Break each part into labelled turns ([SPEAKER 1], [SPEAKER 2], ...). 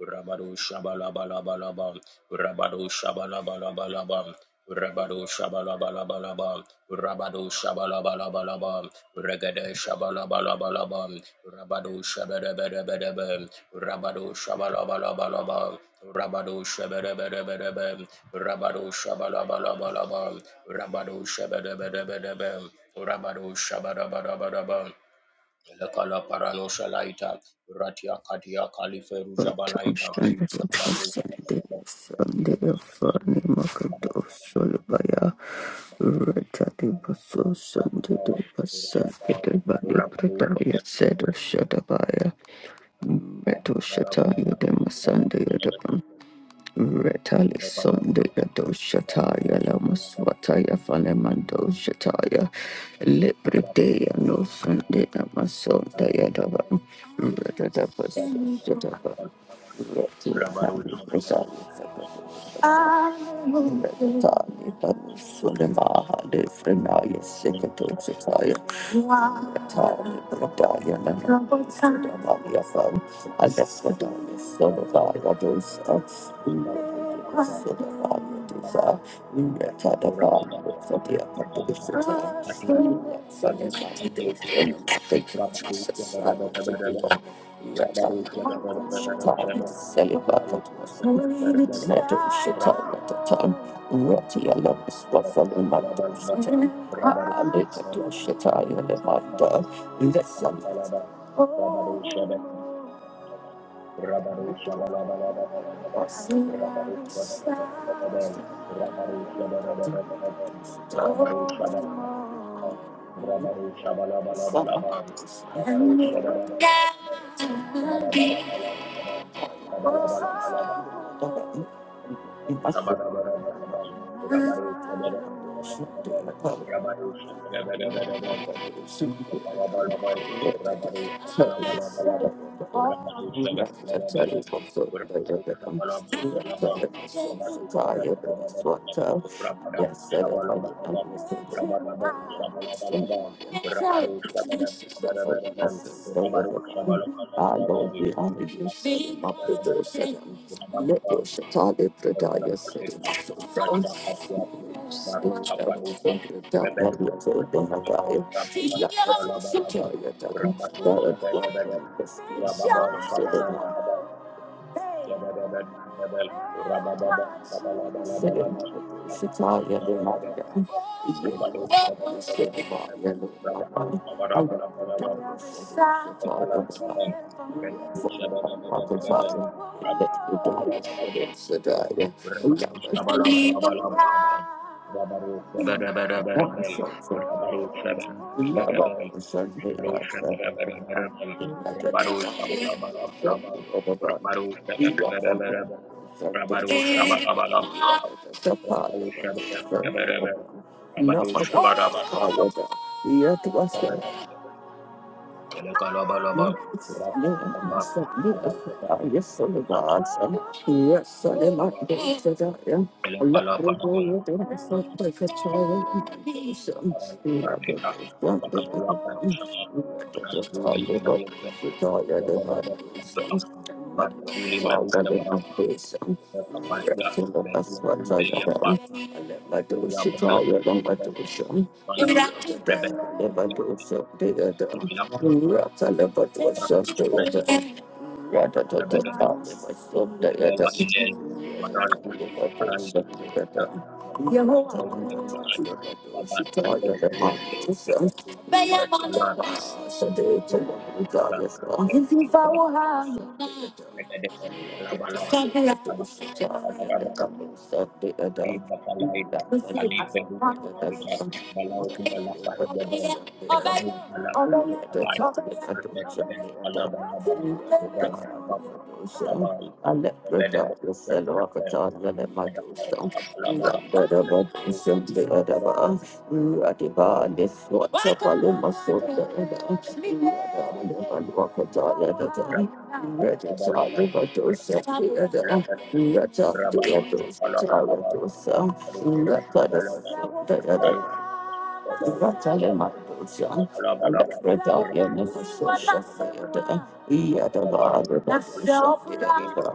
[SPEAKER 1] Rabado Shabalabalabalabam, Rabado Shabalabalabalabam, Rabado Shabalabalabalabam, Rabado Shabalabalabalabam, Regade Shabalabalabalabam, Rabado Shabedebedebedebem, Rabado Shabalabalabalabam, Rabado Shabedebedebedebem, Rabado Shabalabalabalabam, Rabado Shabedebedebedebem, Rabado Shabadabadabadabam, Lekala Parano Shalaita, Ratia Katia Kaliferu Jabalaita,
[SPEAKER 2] Patoshan Sunday Fani Makato Solubaya Retati Baso Sunday Pasakita Bali
[SPEAKER 1] Rabado,
[SPEAKER 2] Prataya Seda Shatabaya Meto Shataya Dema Sunday Retali Sundaya Doshataya Lamaswataya Fanemando Shataya Libridaya no Sundaya Masundaya Davan Retadabas Davan
[SPEAKER 1] Rabado, Rabado, Rabado, Rabado,
[SPEAKER 2] Retali Banusulemaha de Frenaya Sekato Shataya Tali Bradaya Nandavaya Fam Alessadaya Solavaya Dosa Sodavaya Dosa Yatadavaya Sadia Padosa Thank you, Jesus. Hallelujah. Summer.
[SPEAKER 1] Rabado, Rabado, Rabado, Rabado,
[SPEAKER 2] and
[SPEAKER 1] Rabaru
[SPEAKER 2] the In my soul. Yes, I don't find it unreasonable. Ah, Lord, we honor you. Send them up the door, send him. Meto
[SPEAKER 1] Rabba
[SPEAKER 2] Shatali
[SPEAKER 1] Bakala
[SPEAKER 2] Pradaya said in
[SPEAKER 1] Paseta, Rajna Papuapa, Maru
[SPEAKER 2] Shataya
[SPEAKER 1] Paparupa, Rebedu, Rabata, Balabalaba,
[SPEAKER 2] down.
[SPEAKER 1] Rabatu,
[SPEAKER 2] God, Welcome
[SPEAKER 1] Shabadabada,
[SPEAKER 2] to this place.
[SPEAKER 1] Rababa,
[SPEAKER 2] I'm still alive.
[SPEAKER 1] Shabalababa, Shabadabadabel, Rabababa, Shabalabalabalaba, Rabatu, Shabadabada, Rabatu, Shabadabadabel, Rabatu, Shabadabadabadabel, Kepala Baba, Rebabu Shababa Baba Baba Baba, Rab Kapala Baba Baba, Rebabu Shabala Bala Bala Bala Bala, Rabaru Shabada Bada Bada Bala, Rabaru Shabada Bada Bala, Rabaru Shabada Bada Bada Bala, Rabaru Shabala Bala Bala Bala,
[SPEAKER 2] Love
[SPEAKER 1] Rabaru Shabada
[SPEAKER 2] not
[SPEAKER 1] Bada Bada Bala, Rabaru Shabala Bala Bala Bala, Rabaru Shabada Bada Bada Bala, Rabaru
[SPEAKER 2] my
[SPEAKER 1] Shabada Bada
[SPEAKER 2] fault. Yet
[SPEAKER 1] Bada
[SPEAKER 2] was that
[SPEAKER 1] Bala,
[SPEAKER 2] Thank
[SPEAKER 1] Elekalabalaba, Rapataba, Parantakakuba, sama Elekalaparabo, Parantarnita, Rakaduakan Shama, Maranturia Pranakan, Jagababa Samalab, Maratuli Marudaba, Rakapatia, Meruantu Eliapa, Rakapuria Pala, Madasani
[SPEAKER 2] you.
[SPEAKER 1] Pala,
[SPEAKER 2] If
[SPEAKER 1] Rebebe Kudia, Ida Kumala, Rakachubenaba, Tinggal tinggal matahari pun dengan parali dengan kita melakukan yang perlu juga sahabat tinggal saling berdoa abang kalar melakukan yang kita dan
[SPEAKER 2] you
[SPEAKER 1] syukur
[SPEAKER 2] follow
[SPEAKER 1] kita
[SPEAKER 2] her,
[SPEAKER 1] dapat salah bala
[SPEAKER 2] Thank
[SPEAKER 1] abang abang abang di bakala itu kali perlu sama kita balau tinggal lapar jadul ada gabung bala, kala berdan kala bala bala beberapa tempat bala bala berada pada
[SPEAKER 2] you. Radiba, this watch up on my soul. Radiba, Ratale Mandosha, Alafrida Yanavasosha Theatre, Yadaba, Rabasosha Theatre,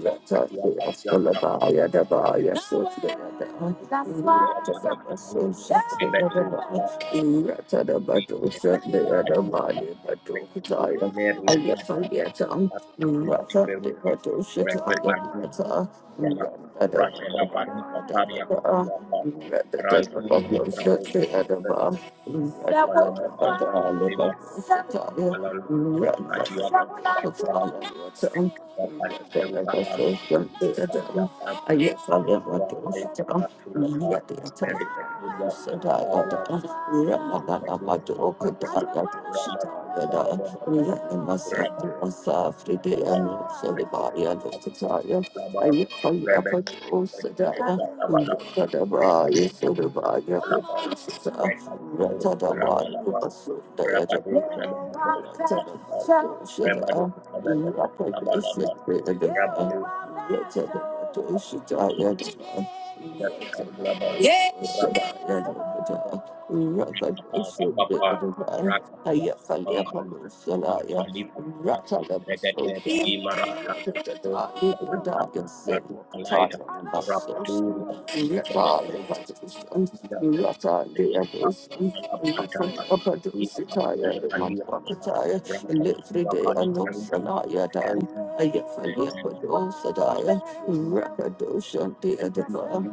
[SPEAKER 2] Yata de Aspalaba, Yadaba, Yasosha, Yadabasosha
[SPEAKER 1] Thank
[SPEAKER 2] Theatre,
[SPEAKER 1] you.
[SPEAKER 2] Yata de Badosha,
[SPEAKER 1] Tatizo la Padua
[SPEAKER 2] Yadaba,
[SPEAKER 1] katika
[SPEAKER 2] Yadokataya,
[SPEAKER 1] Soler Lenaba
[SPEAKER 2] Ayafaliata,
[SPEAKER 1] Zapata Kikumba
[SPEAKER 2] Yata de
[SPEAKER 1] Kiperuke
[SPEAKER 2] Badosha, Yadata,
[SPEAKER 1] Brezebandiza Kiza la
[SPEAKER 2] Yadaba,
[SPEAKER 1] Rasha la
[SPEAKER 2] Yadaba,
[SPEAKER 1] Pari Katari ya Kalia Pa
[SPEAKER 2] Yadaba,
[SPEAKER 1] Parantuli na
[SPEAKER 2] Yadaba,
[SPEAKER 1] Pravosa
[SPEAKER 2] Yadaba, I
[SPEAKER 1] Palama Pali Lema Palala wakati ya Kupata Kwa Pali Peru Kala Kati ya Pali Kala Kala Kala Kala Kala Kala Rabadu,
[SPEAKER 2] Ayah,
[SPEAKER 1] Terima
[SPEAKER 2] yeah. Rattle Rakadoshan Deadaba,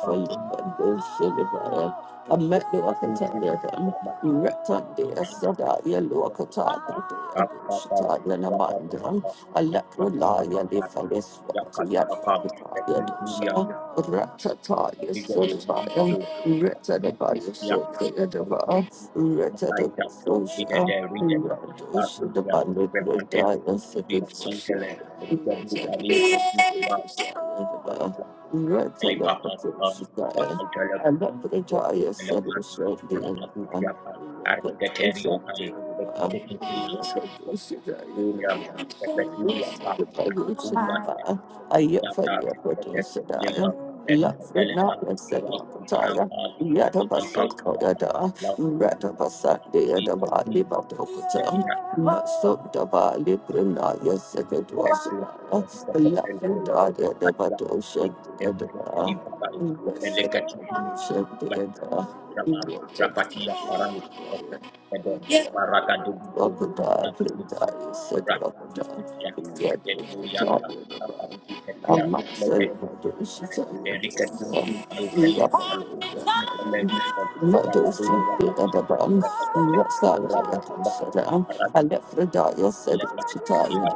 [SPEAKER 1] kasih.
[SPEAKER 2] I the
[SPEAKER 1] Aduh, Mbak,
[SPEAKER 2] Wakatania them,
[SPEAKER 1] selamat ini
[SPEAKER 2] Retandia
[SPEAKER 1] kan
[SPEAKER 2] Sadaya
[SPEAKER 1] belum apa
[SPEAKER 2] Luakataya
[SPEAKER 1] apa apa Matumba la mahindi yaliyopelekwa hapa yakapakwa katika kukanika yakatumika miguu juu ya midomo midomo
[SPEAKER 2] Retaliation,
[SPEAKER 1] duka ya
[SPEAKER 2] I
[SPEAKER 1] karika kidogo kama kaita rida de rida tatu ya repante kichuri ya kaitele rida duka linsa duka ba alipapa Rokutelapari, Ratakutiapa, Ariketeriapai, Rokutekitilam, Mokuriam, Repeturiapa, Arapuriata,
[SPEAKER 2] yet
[SPEAKER 1] Rokutiapa,
[SPEAKER 2] find the producer.
[SPEAKER 1] Repetutilema,
[SPEAKER 2] Love for
[SPEAKER 1] Renutelema,
[SPEAKER 2] not yourself, Taya.
[SPEAKER 1] Rakutarampa, Rastampam,
[SPEAKER 2] Yadabasokoyada,
[SPEAKER 1] Lampu,
[SPEAKER 2] Radabasandeyadaba,
[SPEAKER 1] Ipetin,
[SPEAKER 2] Libadokota,
[SPEAKER 1] Jadinak,
[SPEAKER 2] Masodaba, Librinaya,
[SPEAKER 1] Helpful, super
[SPEAKER 2] Sekadwasabaya,
[SPEAKER 1] helpful.
[SPEAKER 2] Lapidaya,
[SPEAKER 1] Katika
[SPEAKER 2] Debadosha,
[SPEAKER 1] Eruja
[SPEAKER 2] Yadaba,
[SPEAKER 1] Khalifa Bai, Melekatifu
[SPEAKER 2] Resedosha,
[SPEAKER 1] Mahika
[SPEAKER 2] Yadaba,
[SPEAKER 1] Jerusalem, Rapatia Paran, Kedon,
[SPEAKER 2] Yadaba.
[SPEAKER 1] Maragadugu,
[SPEAKER 2] Thank
[SPEAKER 1] Rakadu, Rakatia, Leketuria, Kapati Ketia, Leketi, Erika Tumpi, Angelia, Al, Rapatia, Rapadu, Rapati, Rakadete, Rabakaba, Rakia, Elepa, Rakia,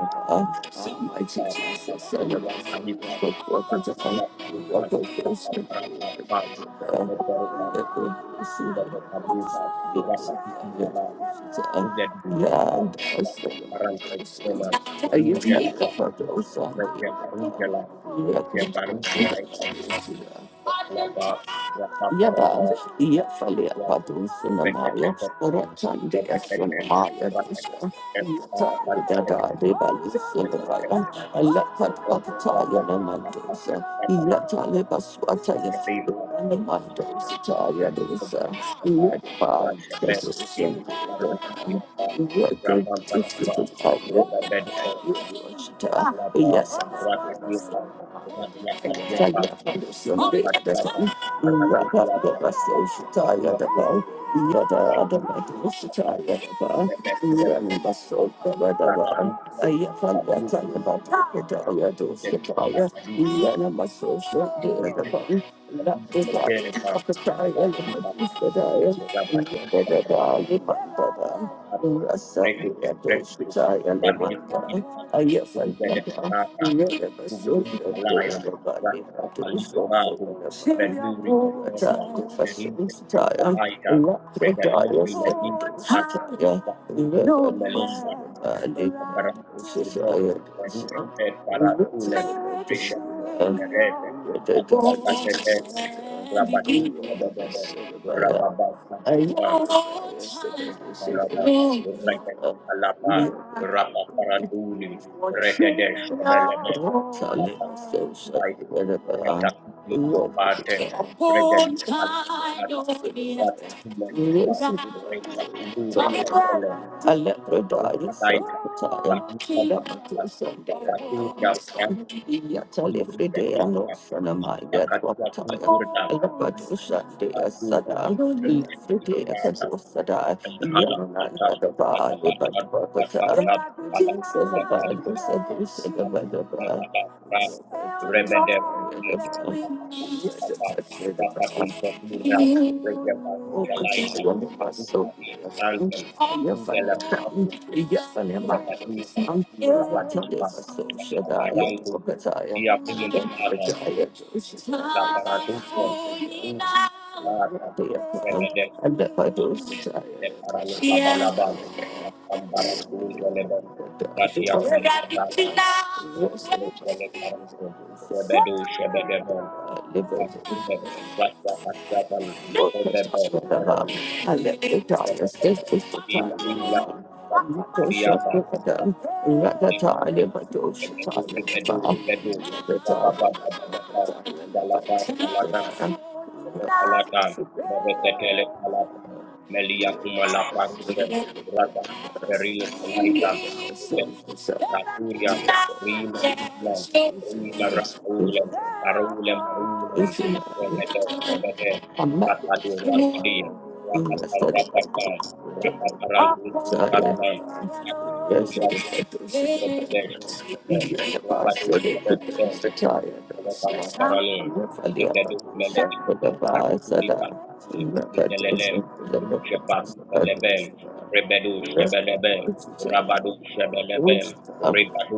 [SPEAKER 2] you. Yeah, and I are the ones who are you make up for those on the other. Yeah, Yabal, Yafalia Padu Sunamaya, Ratandi Sunamaya Dusha, Yatandi Dada Debali Sunamaya, Alapat Akataya Namandosa, Yatali Baswataya Fidu and the Mandosa Taya Dosa, Yatpan, Desusum, Yakan,
[SPEAKER 1] Berapa
[SPEAKER 2] Yes,
[SPEAKER 1] bambu itu atau bulu PPSI dan beberapa tanah itu kita bambu mengisi saja jadi menjadi minat kayu itu jadi sebagai lepas maka itu kami beberapa ini sudah terlalu sudah
[SPEAKER 2] I'm
[SPEAKER 1] sangat rekreatif
[SPEAKER 2] Thank
[SPEAKER 1] rekreatif kita tidak mungkin itu ada maka Google ini alaila berarti terpaling saratu baduri bateria dari kecil lahaika regadin biladin Zakuku ameliiba na barafu shugod herufi pe parasule maisha merete katika kateteria rabatu sebebebe
[SPEAKER 2] you.
[SPEAKER 1] rababa sababa balaba rekete alapa rapaparatuli rekete sebelebe tapakati alaita ratakuti manapate regedi alapata
[SPEAKER 2] Whatever.
[SPEAKER 1] ratakule
[SPEAKER 2] A
[SPEAKER 1] nipa
[SPEAKER 2] leper
[SPEAKER 1] recha kalule kalole, Mas tahu
[SPEAKER 2] died,
[SPEAKER 1] rasain, Kak. Karena
[SPEAKER 2] Sakataya,
[SPEAKER 1] korban
[SPEAKER 2] Lapato
[SPEAKER 1] kita
[SPEAKER 2] Sunday,
[SPEAKER 1] salah
[SPEAKER 2] and
[SPEAKER 1] satu
[SPEAKER 2] Namasan,
[SPEAKER 1] gambaran untuk
[SPEAKER 2] Yatali
[SPEAKER 1] memberikan
[SPEAKER 2] Friday, and
[SPEAKER 1] ilham
[SPEAKER 2] Osanama,
[SPEAKER 1] ketika kaki aku
[SPEAKER 2] Yadwapataya,
[SPEAKER 1] itu renang. Lebih
[SPEAKER 2] Lapato
[SPEAKER 1] dari salah
[SPEAKER 2] Sunday, a
[SPEAKER 1] satu yang
[SPEAKER 2] Sada,
[SPEAKER 1] berhenti
[SPEAKER 2] Friday, a
[SPEAKER 1] istirahat.
[SPEAKER 2] Kadosada,
[SPEAKER 1] Saya kalah pancar,
[SPEAKER 2] Yamananda, the
[SPEAKER 1] kalah
[SPEAKER 2] Bali, but
[SPEAKER 1] pancar, kalah
[SPEAKER 2] Wapata,
[SPEAKER 1] pancar, kalah
[SPEAKER 2] Jesus, a
[SPEAKER 1] kalah
[SPEAKER 2] Bali,
[SPEAKER 1] kalah
[SPEAKER 2] Sadus, and the
[SPEAKER 1] kalah kaki kalah kalah. Rebede, rebede, kapal. Rapa
[SPEAKER 2] Badaba.
[SPEAKER 1] kuita pura,
[SPEAKER 2] I'm
[SPEAKER 1] reja baru jalaita, baru kali kepal dan tinggal apa orang tadi orang tadi orang Bandung juga baca bara itu jadi aku yang ada ala para duka ru para atas bebede le para lo kabala bala akan bara itu oleh berarti kali parada oleh para itu bebedo shebede bol abang
[SPEAKER 2] Yeah.
[SPEAKER 1] bebede rakyat rakyat
[SPEAKER 2] Thank
[SPEAKER 1] bebede bebede bebede hilang hilang hadiah Brebedu, brebedu, brebedu. Rababababababa. Salata, salata. Salata. Babeketele salata. Melia kumala paruchen. Rata perino palaitan. Bebekataturia. Rima kima. Rima rakulen. Karule marulen. Rebede,
[SPEAKER 2] you.
[SPEAKER 1] rebede.
[SPEAKER 2] Yes,
[SPEAKER 1] Rakadi, rakadi. Rapapa, rapapa. Rapaparantum, paralan berbeda belabel rabado berbeda belabel kalau kalau kalau berbeda bedu belebedu empat puluh lima lima lima lima lima lima lima lima lima lima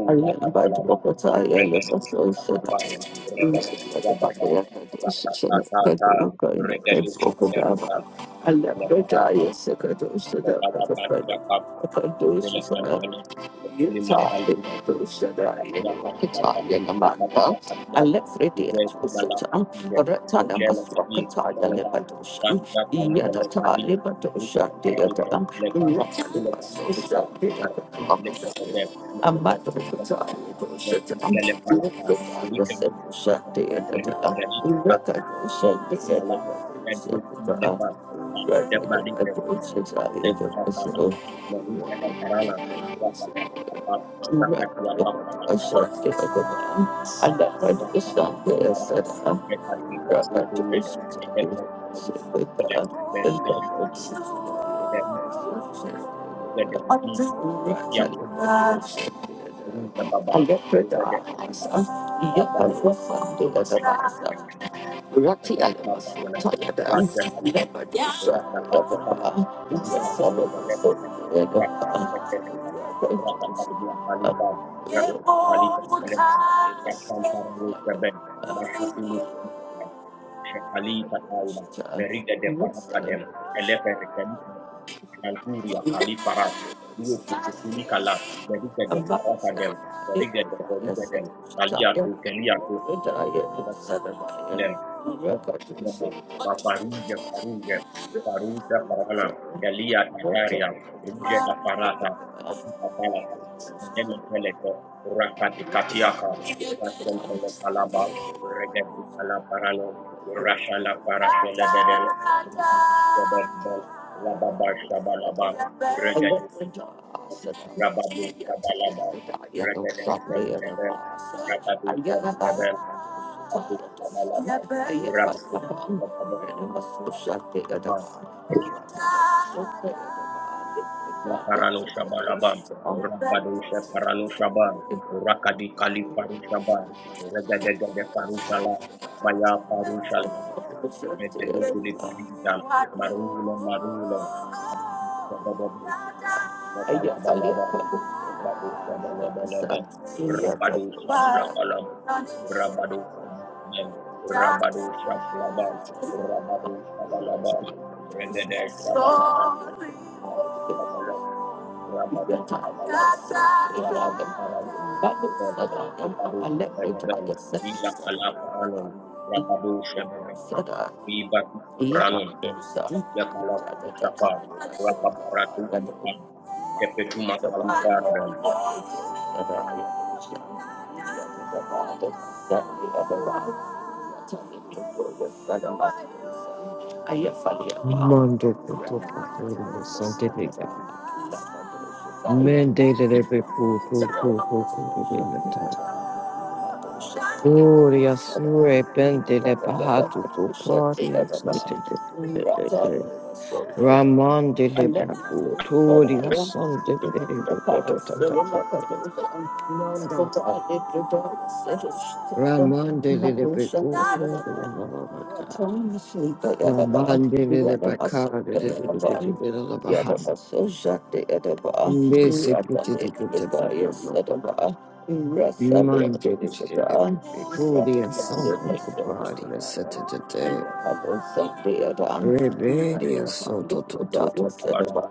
[SPEAKER 2] I let by the Wakataya, let us also die. the Bakaya, the I'll
[SPEAKER 1] lima lima lima Yakati yapa, wakati yakati yapa, ude kula lapa ide, lejele kadi, lejele kan, ranga kan tele kadi, kule karan kan tele kan, kule kati kuka, arati le kote de, mele kati le lepa, le le lepa lapa, ulike mele kute, mele kute ite ka, kukuma la, medu kule lepa, uba
[SPEAKER 2] Right,
[SPEAKER 1] ite
[SPEAKER 2] I
[SPEAKER 1] barite, le kala
[SPEAKER 2] don't
[SPEAKER 1] parana,
[SPEAKER 2] know. I get
[SPEAKER 1] meru kala parana, wakati yapa, wakati yapa, wakati yapa,
[SPEAKER 2] the darkness,
[SPEAKER 1] baru
[SPEAKER 2] yet
[SPEAKER 1] Baba,
[SPEAKER 2] I was found in the darkness. Rati Alamas, Tayada, Lepadusha, Yavapa, Yasabas,
[SPEAKER 1] Berida de Parapadem, Elepe Rekenifer, Nanturia Kalifara, Dio Kukukunikala, Berida de Parakadem, Berida de Perugedem, Kalia to Kelia Lem,
[SPEAKER 2] Yagapa.
[SPEAKER 1] Mafaruja Faruja
[SPEAKER 2] Yellow
[SPEAKER 1] Farusha Farala Galia Tataria Ruja na Farata Katika Talata Ndele Teleko Rakati Katiaka Rakel Tele Kalaba Regebu Kala Paralo Rasha La Parashele Bedel Rababu Sebebel Rababa Shabalaba Regebu Rababu Shabalaba Regede
[SPEAKER 2] Sunday
[SPEAKER 1] Sebebel Rababu
[SPEAKER 2] and
[SPEAKER 1] Sebebel
[SPEAKER 2] a
[SPEAKER 1] Abu Yaparano Shabalabam, Rabado Shaparano Shabam, Rakadi Kali Parushabam, Regadegade Parushala, Maya Parushala, Regadoguli Parida, Marula Marula, Abadu Shabadabam, Yakalabalabam, Abadu Shabalabalabam, Rabado Shabalabalabam.
[SPEAKER 2] Ayah,
[SPEAKER 1] Rabado Shabalabam, Rabado Shabalabam, Rabado Shabalabam, Regede Shabalabam, Rabado Shabalabam, Rabado Shabalabam, Rabado Parado Shabalabam, Rabado Shabalabam, Ila Kala Parano, Rabado Shabalabam,
[SPEAKER 2] Sada,
[SPEAKER 1] Riba
[SPEAKER 2] Thank
[SPEAKER 1] Soprano, Yakala Parusapa, Rapa Paratu, Kepetu Makali Parada,
[SPEAKER 3] Mando to scientific mandated every pool to
[SPEAKER 2] you.
[SPEAKER 3] Gloria sure bende le bahatu go paria Raman de le babu toria son de le Manda Raman de
[SPEAKER 2] Thank
[SPEAKER 3] le babu
[SPEAKER 2] you.
[SPEAKER 3] toria
[SPEAKER 2] Ah,
[SPEAKER 3] mamata Raman de le bacar de le baha Missy Monday, Rebedia soto paria setete. Rebedia so to to to to to.
[SPEAKER 1] Rabadu
[SPEAKER 3] to.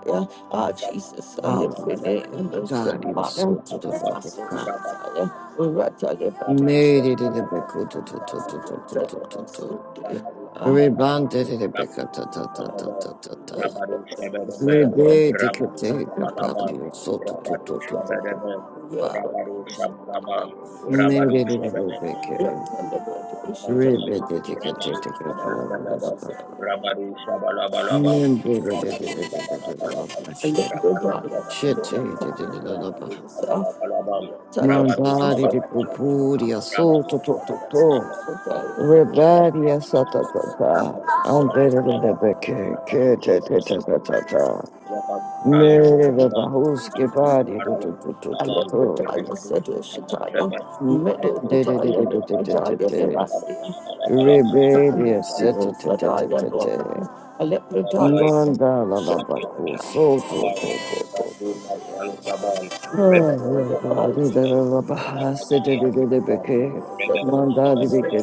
[SPEAKER 2] Jesus, I live in
[SPEAKER 3] Hallelujah.
[SPEAKER 2] it, and it's in
[SPEAKER 3] Adario
[SPEAKER 2] my mind.
[SPEAKER 3] so to to to to. ka. Made it in beko to to to to to to to to to. Rebanded in beka ta ta ta ta ta ta ta. ta.
[SPEAKER 1] Shabadabam,
[SPEAKER 3] Rebedia
[SPEAKER 1] Rabadu
[SPEAKER 3] kate paria soto to to to to to. to. Ba.
[SPEAKER 1] Shabadabam,
[SPEAKER 3] Made
[SPEAKER 1] Rabadu
[SPEAKER 3] it in
[SPEAKER 1] Shabadabam,
[SPEAKER 3] beke.
[SPEAKER 1] Rabadu
[SPEAKER 3] Rebedia kate
[SPEAKER 1] Shabalabalabal,
[SPEAKER 3] paria.
[SPEAKER 2] Yeah,
[SPEAKER 1] Rabadu Shabalabalabal,
[SPEAKER 2] Alephataya Sedushitaya,
[SPEAKER 1] Rabadu
[SPEAKER 3] Mandare
[SPEAKER 1] Shabalabalabal, Rabadu Shabalabalabal, Rabadu Shabalabalabal, Rabadu
[SPEAKER 3] di
[SPEAKER 1] Shabalabalabal,
[SPEAKER 3] pupuria
[SPEAKER 1] Rabadu Shabalabalabal, Rabadu
[SPEAKER 3] sotto tutto to rebaria
[SPEAKER 1] Shabalabalabal,
[SPEAKER 3] sata tata
[SPEAKER 1] Rabadu
[SPEAKER 3] andere de
[SPEAKER 1] Shabalabalabal,
[SPEAKER 3] beke
[SPEAKER 1] Rabadu
[SPEAKER 3] ke te te te
[SPEAKER 1] Shabalabalabal,
[SPEAKER 3] te te te
[SPEAKER 1] Ayapam Paralo
[SPEAKER 3] mere de
[SPEAKER 1] Shabalabal,
[SPEAKER 3] bahus ke
[SPEAKER 1] Makadia
[SPEAKER 3] bari do to to to to to
[SPEAKER 1] Rabadu Shabalabalabal, Rabadu
[SPEAKER 3] mende de de de
[SPEAKER 2] Medokataya
[SPEAKER 3] de de de
[SPEAKER 1] Shabalabalabal,
[SPEAKER 3] de
[SPEAKER 2] Lephataya
[SPEAKER 3] de
[SPEAKER 1] Rabadu
[SPEAKER 2] Nemasia,
[SPEAKER 1] Shabalabalabal,
[SPEAKER 3] rebaria sata te te te
[SPEAKER 2] Sadaya
[SPEAKER 3] te te
[SPEAKER 2] Lokan, Alephataya
[SPEAKER 1] Alabalai,
[SPEAKER 3] mandala la
[SPEAKER 1] Hatia,
[SPEAKER 3] baku
[SPEAKER 2] Sedushitaya.
[SPEAKER 3] sotto
[SPEAKER 1] Kabai,
[SPEAKER 3] to to
[SPEAKER 1] Karbuna,
[SPEAKER 3] to
[SPEAKER 1] Palu, Kabai,
[SPEAKER 3] We bless
[SPEAKER 1] Rebebe,
[SPEAKER 3] you, we
[SPEAKER 1] Sabasebe,
[SPEAKER 3] honor
[SPEAKER 1] Ratakalia, Kabai, Rebebe, Sabadebe,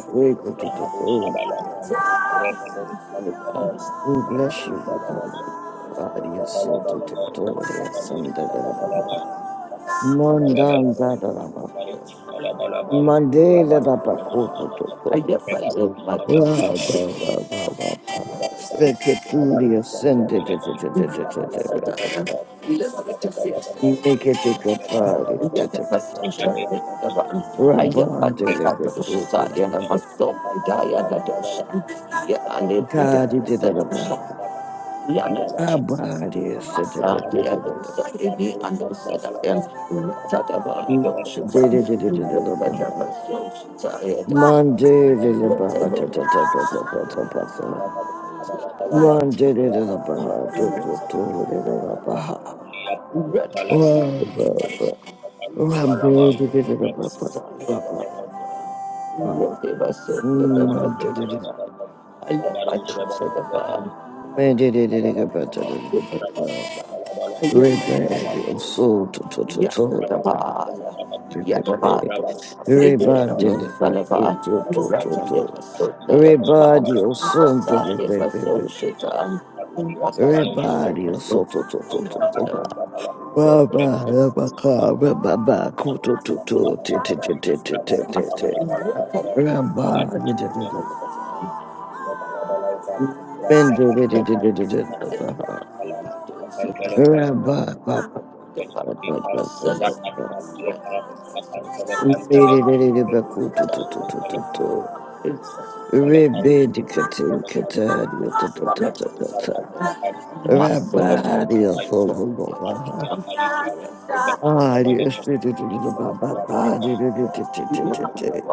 [SPEAKER 1] Ramadu, Sabalamai, Rebebe, Sabadebe, Ramadu, Sabadebe,
[SPEAKER 3] you, the body, a soul to the
[SPEAKER 1] Rabalabalaba,
[SPEAKER 3] glory, a
[SPEAKER 1] Ramadu,
[SPEAKER 3] son to the
[SPEAKER 1] Sabalabalaba,
[SPEAKER 3] Baha.
[SPEAKER 1] Ramadu,
[SPEAKER 3] Mondan
[SPEAKER 1] Sabalabalaba,
[SPEAKER 3] da da da ba ba.
[SPEAKER 1] Rabari, Sabalabalaba,
[SPEAKER 3] Mandela
[SPEAKER 1] Rabari,
[SPEAKER 3] da ba ko to
[SPEAKER 1] Sabalabalaba,
[SPEAKER 3] to
[SPEAKER 2] I guess
[SPEAKER 3] to.
[SPEAKER 2] I
[SPEAKER 1] Rebadu,
[SPEAKER 2] live my
[SPEAKER 3] Wa
[SPEAKER 1] Sabalabalaba,
[SPEAKER 3] ba ba ba ba.
[SPEAKER 1] Rabba
[SPEAKER 3] Stick it through the ascended.
[SPEAKER 2] Thank you.
[SPEAKER 3] Make it a good body. Rabban deliver cool. God, you did it about my body. is such a bit of a Monday is about Monday is about to to to it is about. Monday is about. Monday
[SPEAKER 1] Abalabal,
[SPEAKER 3] is about. Monday is about Rebirth of soul to to to to Rebirth delivered to to to to to Rebirth of soul delivered Rebirth of soul to to to to to
[SPEAKER 2] Rata, Muscle
[SPEAKER 3] Rabba Rabba Ka Rabba to Ko to to to Te Te Te Te Te Te Te Te Rabba Di Di
[SPEAKER 1] Rabaru,
[SPEAKER 3] Di Di Di Mendo Di Di Di Di Di Di Di Ba Baba, Rabba Ba Ba
[SPEAKER 1] Rakan
[SPEAKER 3] Miriririribakutututututu. Ribidikatikatariotatatatatata. Rabariofogobobaha. Ariositutututubababadirirititit.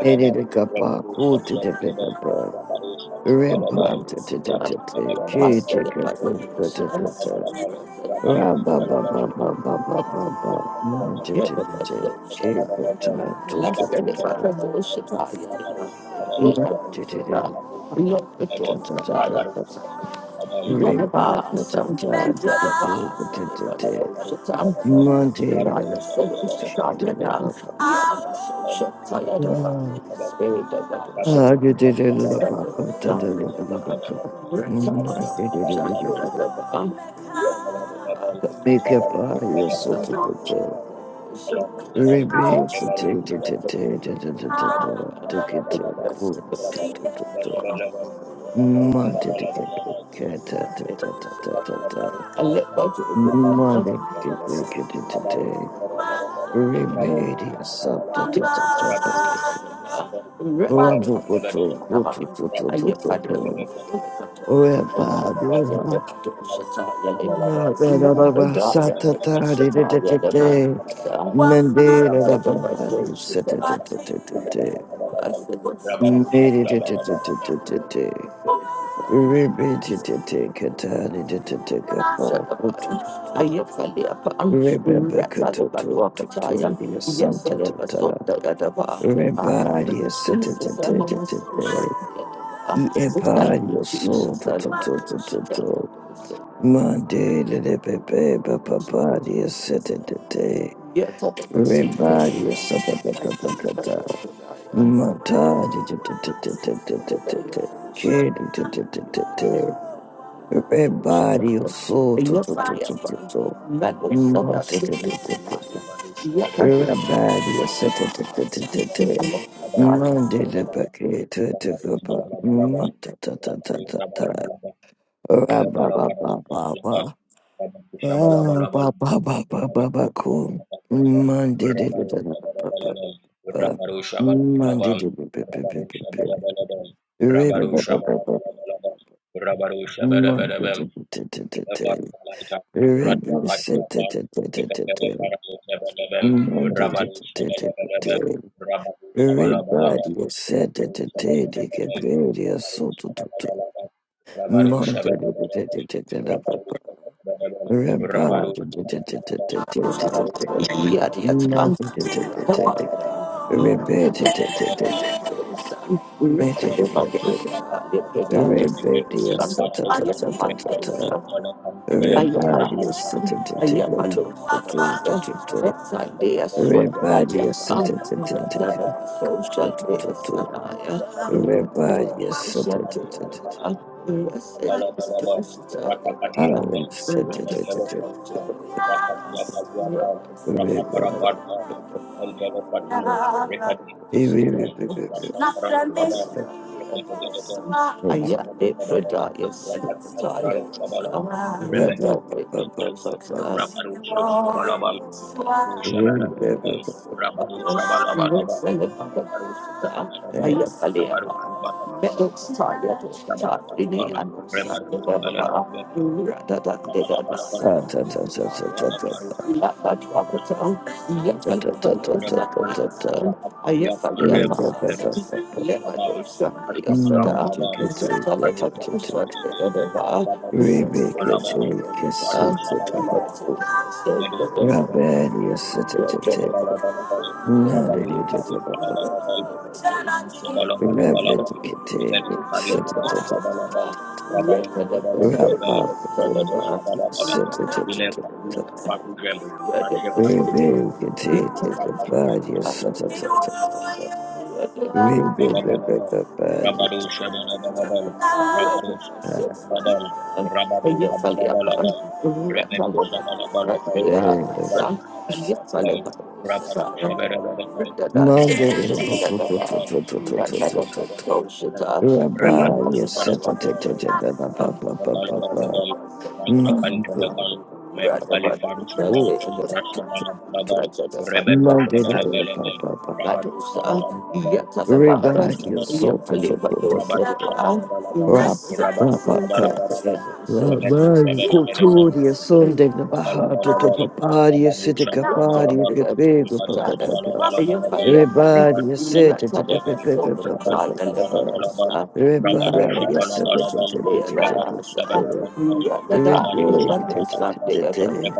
[SPEAKER 3] Miririkapakutitipipapa.
[SPEAKER 2] Blessed
[SPEAKER 3] Ribantititititi. Kijikapipatatata. Rababababababababa.
[SPEAKER 1] Rabarusha,
[SPEAKER 3] Mantitititi. Kijikatatututututututut. Monday,
[SPEAKER 2] Yes,
[SPEAKER 1] Rabarus, Kalkalaba, Rabarus, Rabarus, Rabarus, Abalabalaba, Rabalabal,
[SPEAKER 3] Make up
[SPEAKER 1] Rabarus,
[SPEAKER 3] by your soul to
[SPEAKER 1] Abalabalaba,
[SPEAKER 3] the top.
[SPEAKER 1] Abalabalabal, Rabarus, Rabarus,
[SPEAKER 3] Rebase the
[SPEAKER 1] Rabarus,
[SPEAKER 3] tate to the
[SPEAKER 1] Abalabalabal,
[SPEAKER 3] tate to the
[SPEAKER 1] Rabarus,
[SPEAKER 3] top. Take it to
[SPEAKER 1] Abalabalabal,
[SPEAKER 3] cool to
[SPEAKER 1] Rabarus,
[SPEAKER 3] the top.
[SPEAKER 1] Abalabalabal, Rabarus,
[SPEAKER 3] Mud to the cat. cat, tat, tat, tat, tat,
[SPEAKER 2] I let
[SPEAKER 1] Alaikal,
[SPEAKER 2] go to the good
[SPEAKER 1] Rabarus,
[SPEAKER 3] Mother,
[SPEAKER 1] Rabarabal, Rabarabal, Rabarus, Abalabalabal,
[SPEAKER 3] Remedia
[SPEAKER 1] Rabarus,
[SPEAKER 2] I
[SPEAKER 3] Santa
[SPEAKER 2] live
[SPEAKER 1] Rabarus, Rabarus,
[SPEAKER 2] by the rest of
[SPEAKER 1] Rabarus,
[SPEAKER 2] shut
[SPEAKER 1] Rabarus,
[SPEAKER 3] Raboto,
[SPEAKER 2] up.
[SPEAKER 3] Rotototototo,
[SPEAKER 1] Rabarus,
[SPEAKER 3] Rebab,
[SPEAKER 1] Abalabalabal, বরཀ
[SPEAKER 3] Santa Tadi, Mendeda, Babadi, Setatete,
[SPEAKER 2] I said, what's
[SPEAKER 3] Meditete, Rebetete, Catani, Detecapa,
[SPEAKER 2] Shadaban,
[SPEAKER 3] Rototo,
[SPEAKER 2] Ayafaliapan,
[SPEAKER 3] Rebecca, Toto,
[SPEAKER 2] Ratalabaluakatayan,
[SPEAKER 3] Toto, Santa
[SPEAKER 2] Yasalabasotayadaba. Ah, thank you,
[SPEAKER 3] Rebellious, so to-
[SPEAKER 2] Jesus,
[SPEAKER 3] to-
[SPEAKER 2] I
[SPEAKER 3] to-
[SPEAKER 2] know
[SPEAKER 3] to-
[SPEAKER 2] my
[SPEAKER 3] to-
[SPEAKER 2] soul shall
[SPEAKER 3] to.
[SPEAKER 2] be at the bar.
[SPEAKER 3] Yeah,
[SPEAKER 2] Oh, thank you,
[SPEAKER 3] rebellious, so
[SPEAKER 2] Jesus, I
[SPEAKER 3] to-
[SPEAKER 2] love
[SPEAKER 3] to-
[SPEAKER 2] my
[SPEAKER 3] to-
[SPEAKER 2] soul
[SPEAKER 3] to-
[SPEAKER 2] shall
[SPEAKER 3] to-
[SPEAKER 2] be at
[SPEAKER 3] to.
[SPEAKER 2] the bar.
[SPEAKER 3] Monday, the- the- the- the- the- the- rebellious, so to- to- to.
[SPEAKER 2] Yet I love my soul shall be at
[SPEAKER 3] Rebellious, so to- to- to- to- to- to. Monday, to- to- to- to- to- to- to-
[SPEAKER 2] I love my soul shall
[SPEAKER 3] to-
[SPEAKER 2] be at the
[SPEAKER 3] to.
[SPEAKER 2] bar.
[SPEAKER 3] Kid, to- to- to- to- to- to. Rebellious, so to- to- to- to- to- to. Mata de de de de de Rabadi Satatatata Monday the Bucket Tata
[SPEAKER 1] বোর
[SPEAKER 3] Matatata
[SPEAKER 1] বো
[SPEAKER 3] Rababa Baba Baba Baba Baba Cool Monday the Baba Monday the Baba Monday
[SPEAKER 1] Rabarusha Rabbanu
[SPEAKER 3] the Ribble Satatatata Monday the Everybody said that the day they get paid, they are so to to to. Mother, papa. Everybody, Everybody is such a ta ta ta ta ta.
[SPEAKER 2] Yes, Yes.
[SPEAKER 3] Everybody is such a ta ta ta ta ta ta ta ta. Everybody is such a ta ta ta ta ta ta ta. ta. Everybody is such a ta ta ta ta ta. ta ta. Rabbit,
[SPEAKER 2] Nothing is free. yes, I yet did for die, yes, I did for I read all the papers, it's us.
[SPEAKER 1] Rabarusha,
[SPEAKER 2] Oh,
[SPEAKER 1] Balaba
[SPEAKER 2] yes, why? You
[SPEAKER 1] Shabalabal, Abadu Shabalabal,
[SPEAKER 2] the papers,
[SPEAKER 1] Abadu
[SPEAKER 2] it's us. I yet I live on. Met those tired, I did for die, I did I know, I did for die. You read I did I did for die. You love that, you are the town. You yet I live on, son, yes, Thank you.
[SPEAKER 1] Shabalabal, Rabadu
[SPEAKER 2] Thank
[SPEAKER 3] Monday,
[SPEAKER 2] you.
[SPEAKER 1] Barabalabal, Rabado Shabalabalabal, Rabado Shabalabalabal, Rabado Kabalabalabal, Rebedo Shabalabalabal, Rabado Shabalabalabal, Rabado Shabalabalabal, Rabado Shabalabalabal, Rabado Shabalabalabal, Rabado Shabalabalabal, Bakalabalabal,
[SPEAKER 2] Social
[SPEAKER 1] Bantakantalakal,
[SPEAKER 2] Rather,
[SPEAKER 1] Mebukalifantiban, Rashabalabalabal, Rebedu Shabalabalabal, Rabadu Shabalabalabal, Rabadu
[SPEAKER 3] Revive your soul.
[SPEAKER 1] Shabalabalabal, Rabadu Shabalabalabal,
[SPEAKER 3] Rab,
[SPEAKER 1] Rabadu
[SPEAKER 3] Rabaka,
[SPEAKER 1] Shabalabalabal, Rebedu
[SPEAKER 3] Rabari,
[SPEAKER 1] Shabalabalabal,
[SPEAKER 3] Koturia, Sunday, the Bahato,
[SPEAKER 1] Rabalabalabal,
[SPEAKER 3] Topapari, a city
[SPEAKER 2] Rata,
[SPEAKER 3] capari,
[SPEAKER 1] Rabarushabalabalabalabal,
[SPEAKER 3] Pepego, Papa, Papa,
[SPEAKER 1] Rabarushabalabalabalabal,
[SPEAKER 3] everybody, a city, everybody,
[SPEAKER 1] Rabarushabalabalabalabal, Rabarushabalabalabalabal, Rabarushabalabalabalabal, Rabarushabalabalabalabal,
[SPEAKER 3] a everybody,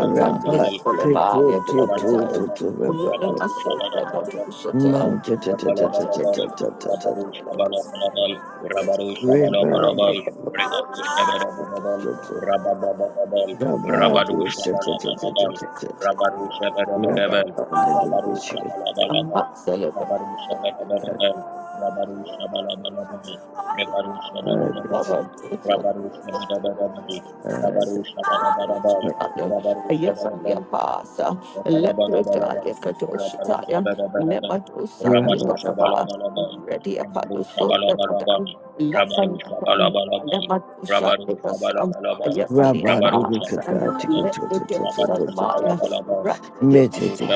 [SPEAKER 3] Rabat, take foot, two, two, two,
[SPEAKER 1] Rabarushabalabalabalabal, Rabarushabalabalabalabal,
[SPEAKER 3] two, Rabat,
[SPEAKER 1] Rabarushabalabalabalabal,
[SPEAKER 3] Manta,
[SPEAKER 1] Rabalabalabam, Rabaru Shabalabalabam, Rabaru
[SPEAKER 3] Ribba,
[SPEAKER 1] Shabalabalabam, Regabu Shabalabalabam, Rababalabam, Rabadu
[SPEAKER 3] Rabado
[SPEAKER 1] Shabalabalabam,
[SPEAKER 3] setetetetetete.
[SPEAKER 1] Rabaru Shabalabalabam,
[SPEAKER 3] Rababado
[SPEAKER 1] Rabaru
[SPEAKER 3] debeshire.
[SPEAKER 2] I'm
[SPEAKER 1] Shabalabalabam,
[SPEAKER 2] not celebrating.
[SPEAKER 1] Rabaru Shabalabalabam, Rabaru Shabalabalabam, Rebaru
[SPEAKER 3] Adet.
[SPEAKER 1] Shabalabalabam, Rabaru Shabalabalabam,
[SPEAKER 3] Adet.
[SPEAKER 1] Rabaru Shabalabalabam, Rabaru
[SPEAKER 2] Yes, I'm the
[SPEAKER 1] Shabalabalabam,
[SPEAKER 2] apostle.
[SPEAKER 1] Rabalabalabalaban,
[SPEAKER 2] Leprodalia Kadoshitaya,
[SPEAKER 1] Rabarushabalabalabam,
[SPEAKER 2] Nebadosa,
[SPEAKER 3] Rababado.
[SPEAKER 2] Nigadaba,
[SPEAKER 1] Rabarushabalabalabam,
[SPEAKER 2] Ready Apadoso, Nebadan,
[SPEAKER 1] Rabarushabalabalabam,
[SPEAKER 2] Lafanapam,
[SPEAKER 1] Rabarushabalabalabam,
[SPEAKER 2] Nebadosha, Nibasam,
[SPEAKER 1] Rabarushabalabalabam,
[SPEAKER 2] Ayafali
[SPEAKER 3] Rabado
[SPEAKER 2] Apasan,
[SPEAKER 1] Rabarushabalabalabam,
[SPEAKER 3] dekatati
[SPEAKER 2] Leprodosa,
[SPEAKER 3] kutotototototototo.
[SPEAKER 2] Maya,
[SPEAKER 1] Rabarushabalabalabam,
[SPEAKER 2] Rakadipa,
[SPEAKER 3] Ramando Copa,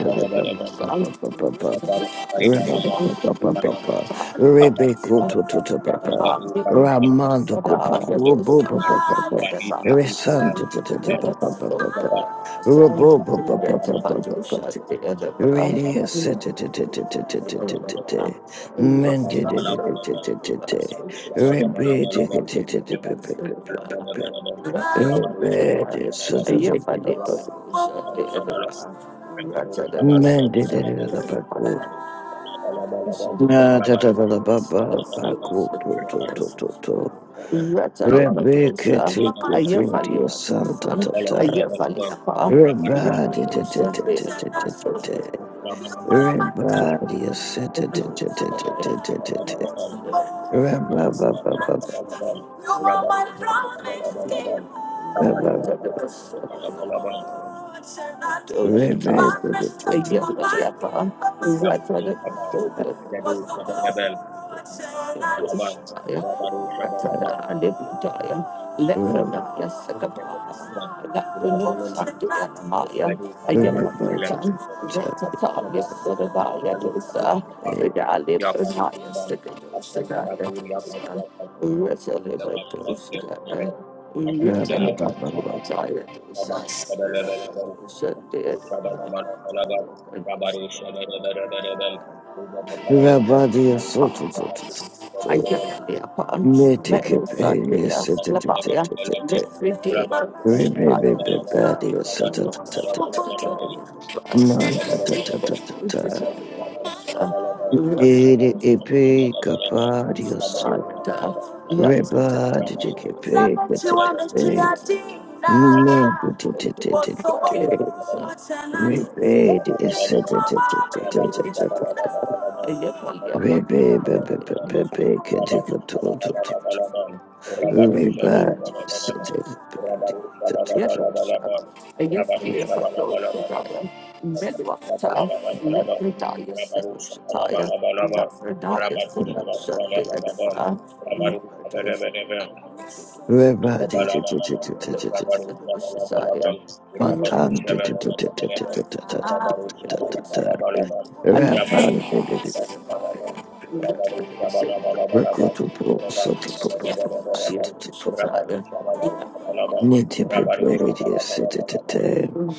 [SPEAKER 2] Sam,
[SPEAKER 3] Robo Papa Papa, Resando Papa Papa
[SPEAKER 1] Rabarushabalabalabam,
[SPEAKER 3] Papa,
[SPEAKER 2] Rakadipa,
[SPEAKER 3] Robo
[SPEAKER 1] Rabarushabalabalabam,
[SPEAKER 2] Rakadipa,
[SPEAKER 1] Rabarushabalabalabam,
[SPEAKER 2] Rather,
[SPEAKER 1] Ibadukatikala, Maralu Lepunika,
[SPEAKER 3] Papa
[SPEAKER 1] Badi Peru Alai, dan Kamaru Zabal,
[SPEAKER 3] Papa
[SPEAKER 1] Kabarwa,
[SPEAKER 3] Papa,
[SPEAKER 1] Rabarusha,
[SPEAKER 3] Radio Sete, Mended, Rebate, Rebate, Man did it in the back room. Na da da da da ba ba ba go to to to to to.
[SPEAKER 2] Rata
[SPEAKER 3] Rebecca
[SPEAKER 2] Lebadosa,
[SPEAKER 3] take a
[SPEAKER 2] Ayafa
[SPEAKER 3] pretty santa
[SPEAKER 2] Lebadosa,
[SPEAKER 3] ta ta.
[SPEAKER 2] Ayafa Leapa,
[SPEAKER 3] Everybody da da
[SPEAKER 2] Rabadosa,
[SPEAKER 3] da da da da da da.
[SPEAKER 2] Beadosa.
[SPEAKER 3] Everybody is set
[SPEAKER 2] You
[SPEAKER 3] da da da da da da da da da. Reba ba ba ba
[SPEAKER 2] are
[SPEAKER 1] Rabba,
[SPEAKER 2] my promise keeper.
[SPEAKER 3] ba ba ba ba.
[SPEAKER 2] Oh, Jesus.
[SPEAKER 3] Rebecca da da da
[SPEAKER 2] Uh, Yeah,
[SPEAKER 3] da
[SPEAKER 2] uh,
[SPEAKER 3] da
[SPEAKER 2] yeah, pa. Right, right, uh, so,
[SPEAKER 3] da.
[SPEAKER 2] uh, uh, so, uh, yeah, right. What's the
[SPEAKER 3] Reba
[SPEAKER 2] night, uh, set up, uh, Let the Naya
[SPEAKER 3] Reba da
[SPEAKER 2] Ayapatan,
[SPEAKER 3] da
[SPEAKER 2] Ratataya Sodavaya Dosa,
[SPEAKER 3] da.
[SPEAKER 2] Fridali Pranaya Sikadosagaya Dosa, Ratalibra
[SPEAKER 1] Rabari
[SPEAKER 2] Dosagaya,
[SPEAKER 3] Reba ba ba ba ba.
[SPEAKER 2] Ratalibakutaya Dosa, Rakadosha Deadaba,
[SPEAKER 3] Everybody is so to to to
[SPEAKER 2] I
[SPEAKER 3] to.
[SPEAKER 2] get the upon metal Sunday
[SPEAKER 3] Rebellious,
[SPEAKER 2] as Labaya, every day of the Shabbat.
[SPEAKER 1] Rabadu
[SPEAKER 2] Lord, I Yes,
[SPEAKER 3] Yes,
[SPEAKER 1] Rabalabalaba,
[SPEAKER 2] I
[SPEAKER 1] Rabarushabalabalaba, Rabarushabalabalaba, Rabarushabalabalaba, Rabarushabalabalaba, Rabarushabalabalaba, Rabarushabalabalaba, Rabarushabalabalaba, Rabarushabalabalaba, Rabarushabalabalaba,
[SPEAKER 2] am.
[SPEAKER 1] Rabarushabalabalaba,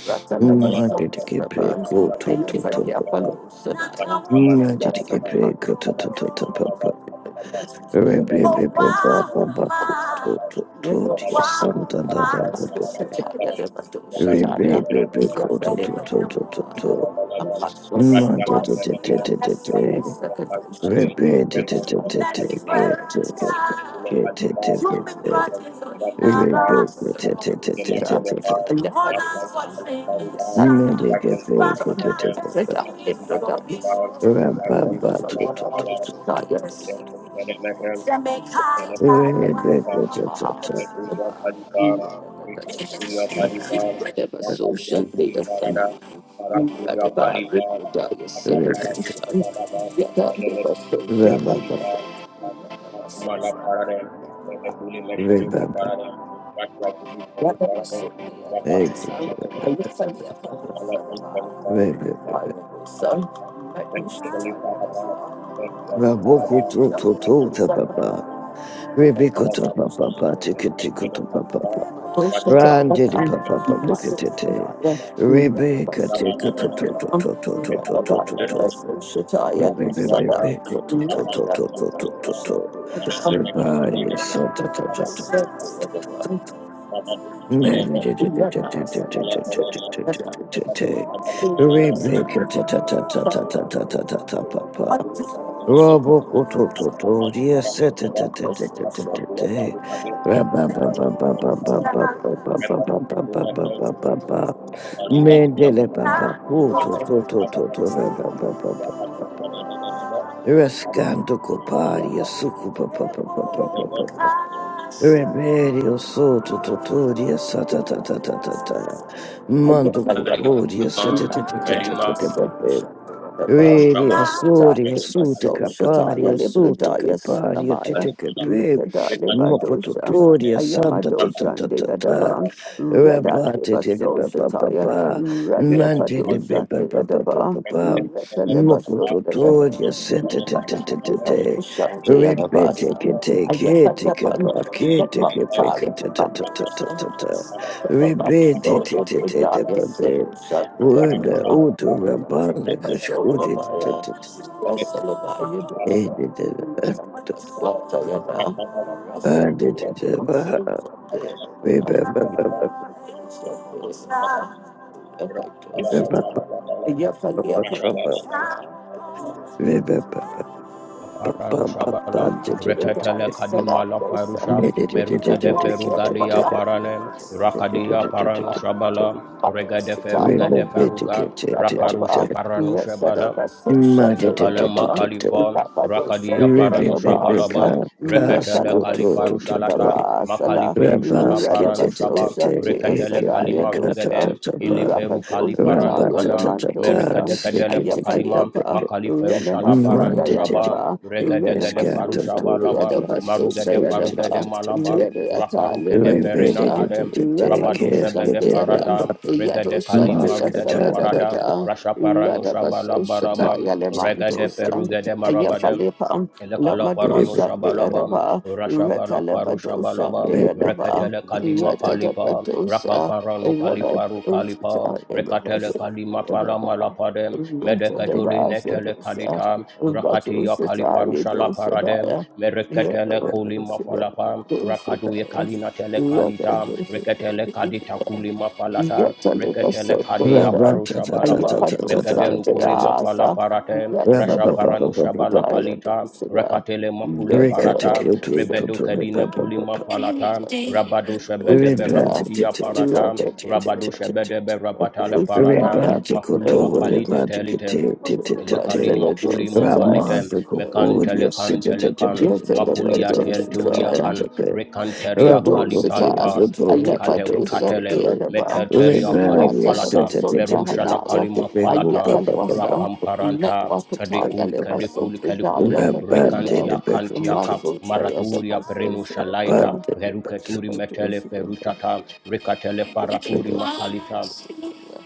[SPEAKER 2] Ratalabasosaba, Ayafadiapalusana, Yasalaba,
[SPEAKER 1] Rabarushabalabalaba,
[SPEAKER 2] Owahuma, Owahuma, Masosataya, Lebadosataya, Yafadebadosataya,
[SPEAKER 3] Raboko
[SPEAKER 2] Ampaswalabaya, Lakadaya, Sakadosataya, That's where I die. Social media
[SPEAKER 1] Thank you. Yakaturia Kalipar, Rikaturia Kalipar, Makaduria Kuliparada,
[SPEAKER 2] phenomenon. Read
[SPEAKER 1] Maraturia
[SPEAKER 2] about
[SPEAKER 1] Kalipar,
[SPEAKER 2] liquid
[SPEAKER 1] Akaparadu
[SPEAKER 2] segregation.
[SPEAKER 1] Sabanaba,
[SPEAKER 2] Yet, I'm the social
[SPEAKER 1] Edelekuria
[SPEAKER 2] media.
[SPEAKER 1] Kalipar, Kumala Parade, Mekuli Meshalima Parade, Rakia Kuli Sabi
[SPEAKER 2] Thank
[SPEAKER 1] Parade, Rabadu Mekadele, Mekala Kalipalapa, Kalipar, Ben Mishali Paraba, Ben Kala Paraba,
[SPEAKER 3] to to
[SPEAKER 1] Rabadu
[SPEAKER 3] to papa,
[SPEAKER 1] Sabanaba,
[SPEAKER 3] Rebecca to papa, Tikitiko to papa, Randidi papa papa kitty. Rebecca take to to to to to to to to to to to. Rebecca to to to to to to to to. Your body is so ta ta ta ta ta ta ta ta ta ta. Man, did it, did it, did it, did it, did it, did it,
[SPEAKER 2] you.
[SPEAKER 3] did it. did it.
[SPEAKER 2] Jesus.
[SPEAKER 3] Rebecca ta ta ta ta ta ta ta ta ta ta ta.
[SPEAKER 1] Thank you. mereka tahu kabar kabar dada dada dada kabar kabar kabar dada dada
[SPEAKER 2] I guess
[SPEAKER 1] lah
[SPEAKER 2] I am.
[SPEAKER 3] Ready,
[SPEAKER 2] Ta
[SPEAKER 3] Asuri,
[SPEAKER 1] mereka
[SPEAKER 2] deva
[SPEAKER 3] Asuta
[SPEAKER 1] tadi
[SPEAKER 2] so
[SPEAKER 1] baca
[SPEAKER 3] Capari,
[SPEAKER 2] shataya
[SPEAKER 1] orang
[SPEAKER 3] Asuta
[SPEAKER 2] libradaya
[SPEAKER 3] Capari, a
[SPEAKER 2] sunamaya
[SPEAKER 1] kali malam
[SPEAKER 3] Titicape,
[SPEAKER 2] redada
[SPEAKER 1] mereka
[SPEAKER 2] leva
[SPEAKER 1] dilakukan
[SPEAKER 2] dosha
[SPEAKER 1] para air
[SPEAKER 3] Mopototoria,
[SPEAKER 2] ayama
[SPEAKER 3] Santa
[SPEAKER 1] bahkan
[SPEAKER 2] dosha
[SPEAKER 1] itu
[SPEAKER 3] Tatata,
[SPEAKER 2] deyadaba
[SPEAKER 1] mereka
[SPEAKER 2] reda
[SPEAKER 1] mereka
[SPEAKER 3] Rabate,
[SPEAKER 2] leva so
[SPEAKER 1] dilakukan
[SPEAKER 2] shataya
[SPEAKER 3] Papa,
[SPEAKER 1] mereka
[SPEAKER 2] radia
[SPEAKER 1] tadi
[SPEAKER 3] Mantele,
[SPEAKER 1] harus
[SPEAKER 2] padosha
[SPEAKER 1] siapa
[SPEAKER 2] deyadaba
[SPEAKER 1] mereka
[SPEAKER 3] Papa,
[SPEAKER 1] mereka
[SPEAKER 2] reta
[SPEAKER 1] mereka
[SPEAKER 2] leva so
[SPEAKER 1] mereka
[SPEAKER 2] deyada
[SPEAKER 3] Mopototoria,
[SPEAKER 1] tadi
[SPEAKER 3] Santa
[SPEAKER 1] kepada harus
[SPEAKER 2] reda
[SPEAKER 1] siapa
[SPEAKER 2] leva
[SPEAKER 3] Tatate,
[SPEAKER 2] dosha
[SPEAKER 1] tapi yang
[SPEAKER 3] Red
[SPEAKER 1] paling
[SPEAKER 2] deyadaba
[SPEAKER 1] harus
[SPEAKER 3] Betty,
[SPEAKER 1] apa
[SPEAKER 3] Kitty,
[SPEAKER 2] ayasa leva
[SPEAKER 1] melakukan
[SPEAKER 3] Kitapa,
[SPEAKER 1] dari yang
[SPEAKER 3] Kitty,
[SPEAKER 2] netma
[SPEAKER 1] paling tahu
[SPEAKER 3] Kitty,
[SPEAKER 2] pataya leva
[SPEAKER 1] dapat
[SPEAKER 2] dosha
[SPEAKER 1] dilakukan
[SPEAKER 3] Tatata,
[SPEAKER 1] para lain
[SPEAKER 2] reda leva
[SPEAKER 3] Rebete,
[SPEAKER 2] so
[SPEAKER 1] akan para
[SPEAKER 2] dosha
[SPEAKER 3] would
[SPEAKER 1] para
[SPEAKER 2] deyadaba
[SPEAKER 3] older
[SPEAKER 1] para
[SPEAKER 3] Rabanda
[SPEAKER 1] para
[SPEAKER 3] Kashkudi
[SPEAKER 1] para Aparanu Shabala, Reketele Kadimala Farusha, Meruka de Ferugadia Parane, Rakadia Paranu Shabala, Rega de
[SPEAKER 2] Salam,
[SPEAKER 1] Feruga de Faruga, Raparusha
[SPEAKER 2] Radiapa,
[SPEAKER 1] Paranu
[SPEAKER 2] Resadabas, shut the
[SPEAKER 1] Elekale
[SPEAKER 2] other bar,
[SPEAKER 1] makalifon,
[SPEAKER 2] Rapado shut
[SPEAKER 1] rakadia
[SPEAKER 2] the
[SPEAKER 1] paranu
[SPEAKER 2] other basa,
[SPEAKER 1] shabalaban, reketele kalifaru
[SPEAKER 2] Retalabaso
[SPEAKER 3] Casco
[SPEAKER 1] shalata,
[SPEAKER 2] Dadabasala,
[SPEAKER 1] makaliferu shala paranu
[SPEAKER 2] Radabaso
[SPEAKER 1] shaban,
[SPEAKER 2] shut the
[SPEAKER 1] reketele
[SPEAKER 2] Sadaya
[SPEAKER 1] kalimaru
[SPEAKER 2] dosa,
[SPEAKER 1] iliferu kali
[SPEAKER 2] Rakados the
[SPEAKER 1] parano
[SPEAKER 2] Taya
[SPEAKER 1] kanam
[SPEAKER 2] Lamandosa,
[SPEAKER 1] merekadekadele fakalima
[SPEAKER 2] Ayafaliapa,
[SPEAKER 1] makali feru shala
[SPEAKER 2] Renemaso
[SPEAKER 1] parano shabam
[SPEAKER 2] Dayadaba,
[SPEAKER 1] regade gade faru
[SPEAKER 2] Renemaso shut
[SPEAKER 1] shaba
[SPEAKER 2] the
[SPEAKER 1] laba
[SPEAKER 2] other baso
[SPEAKER 1] marugede farugede
[SPEAKER 2] Dayadaba,
[SPEAKER 1] malaba
[SPEAKER 2] Rediata
[SPEAKER 1] raparukede perina
[SPEAKER 2] Libadosha,
[SPEAKER 1] kadem Rabado
[SPEAKER 2] Rapadosa
[SPEAKER 1] Shebede
[SPEAKER 2] Dayadam.
[SPEAKER 1] Farata,
[SPEAKER 2] Yado
[SPEAKER 1] Regade Kali
[SPEAKER 2] Shandia
[SPEAKER 1] Marugade
[SPEAKER 2] Sada da da
[SPEAKER 1] Farada,
[SPEAKER 2] da,
[SPEAKER 1] Rasha Parano
[SPEAKER 2] Radabaso
[SPEAKER 1] Shabala Barabam,
[SPEAKER 2] Shataya
[SPEAKER 1] Regade
[SPEAKER 2] Lemandosa,
[SPEAKER 1] Ferugade Marabadem,
[SPEAKER 2] Ayafalepa, Lamado
[SPEAKER 1] Lekalaparano
[SPEAKER 2] Shandia
[SPEAKER 1] shabalabam,
[SPEAKER 2] Daba,
[SPEAKER 1] Rashabalafaru
[SPEAKER 2] Retalabado
[SPEAKER 1] shabalabam,
[SPEAKER 2] Shandia Daba,
[SPEAKER 1] Rekatele kadima kalipa,
[SPEAKER 2] Retadabadosa,
[SPEAKER 1] Raklamparano kalifaru kalipa,
[SPEAKER 2] Rabadoshataya
[SPEAKER 1] Rekatele
[SPEAKER 2] Levaso
[SPEAKER 1] kadima fala
[SPEAKER 2] Daba,
[SPEAKER 1] malapadem, Medekatoline
[SPEAKER 2] Retadabasa
[SPEAKER 1] tele
[SPEAKER 2] Dosa,
[SPEAKER 1] kadita, Rakatiya kalifaru
[SPEAKER 2] Batoshataya Dosa
[SPEAKER 1] shalaparadem,
[SPEAKER 2] Daya,
[SPEAKER 1] Merekatele kulima
[SPEAKER 2] Yadabadosa
[SPEAKER 1] falapa,
[SPEAKER 2] Dosa
[SPEAKER 1] Rakaduye
[SPEAKER 2] Daya,
[SPEAKER 1] kalina tele kalita,
[SPEAKER 2] Rakadosa
[SPEAKER 1] reketele kadi
[SPEAKER 2] Daya.
[SPEAKER 1] takuli mafalata reketele kadi ya
[SPEAKER 2] Yatalibasundayada,
[SPEAKER 1] farusha balaba
[SPEAKER 2] Ayapado
[SPEAKER 1] mekedenu kuli mafala
[SPEAKER 2] Sandayasa,
[SPEAKER 1] parate rasha
[SPEAKER 2] Yatsabadu
[SPEAKER 1] paranusha bala
[SPEAKER 3] Rebellious,
[SPEAKER 2] Daya
[SPEAKER 1] kalita
[SPEAKER 2] Dusada,
[SPEAKER 1] rekatele makuli farata
[SPEAKER 2] Yatabadu
[SPEAKER 1] rebedo kadine
[SPEAKER 2] Sandayada,
[SPEAKER 1] kuli mafalata rabado shebede berapati ya
[SPEAKER 2] Dusada,
[SPEAKER 1] parata rabado shebede berapatale parata
[SPEAKER 2] Yatalibasundayada,
[SPEAKER 1] makuli mafalite telite Lekalima kuli mafalite
[SPEAKER 2] Yatalibasundayada,
[SPEAKER 1] mekantele kantele kan makulia telturia kan rekanteria
[SPEAKER 2] Shadosata,
[SPEAKER 1] kalitalital rukate
[SPEAKER 2] Alepadosa,
[SPEAKER 1] rukatele
[SPEAKER 2] the Adaba,
[SPEAKER 1] meteteria kalifalata merusha la
[SPEAKER 2] Ratalabasodrahanaya,
[SPEAKER 1] kalima falata
[SPEAKER 2] Ayakalwasa,
[SPEAKER 1] rapamparanta
[SPEAKER 2] Metwakataya,
[SPEAKER 1] kadikul kadikul kadikul
[SPEAKER 2] Lebasotradaya,
[SPEAKER 3] Man,
[SPEAKER 2] Kadosa,
[SPEAKER 1] rekantia kantia ka
[SPEAKER 2] Muscle Dayas of
[SPEAKER 1] maraturia perenusha laita
[SPEAKER 2] Associated.
[SPEAKER 1] veruketuri metele ferutata rekatele faraturi makalita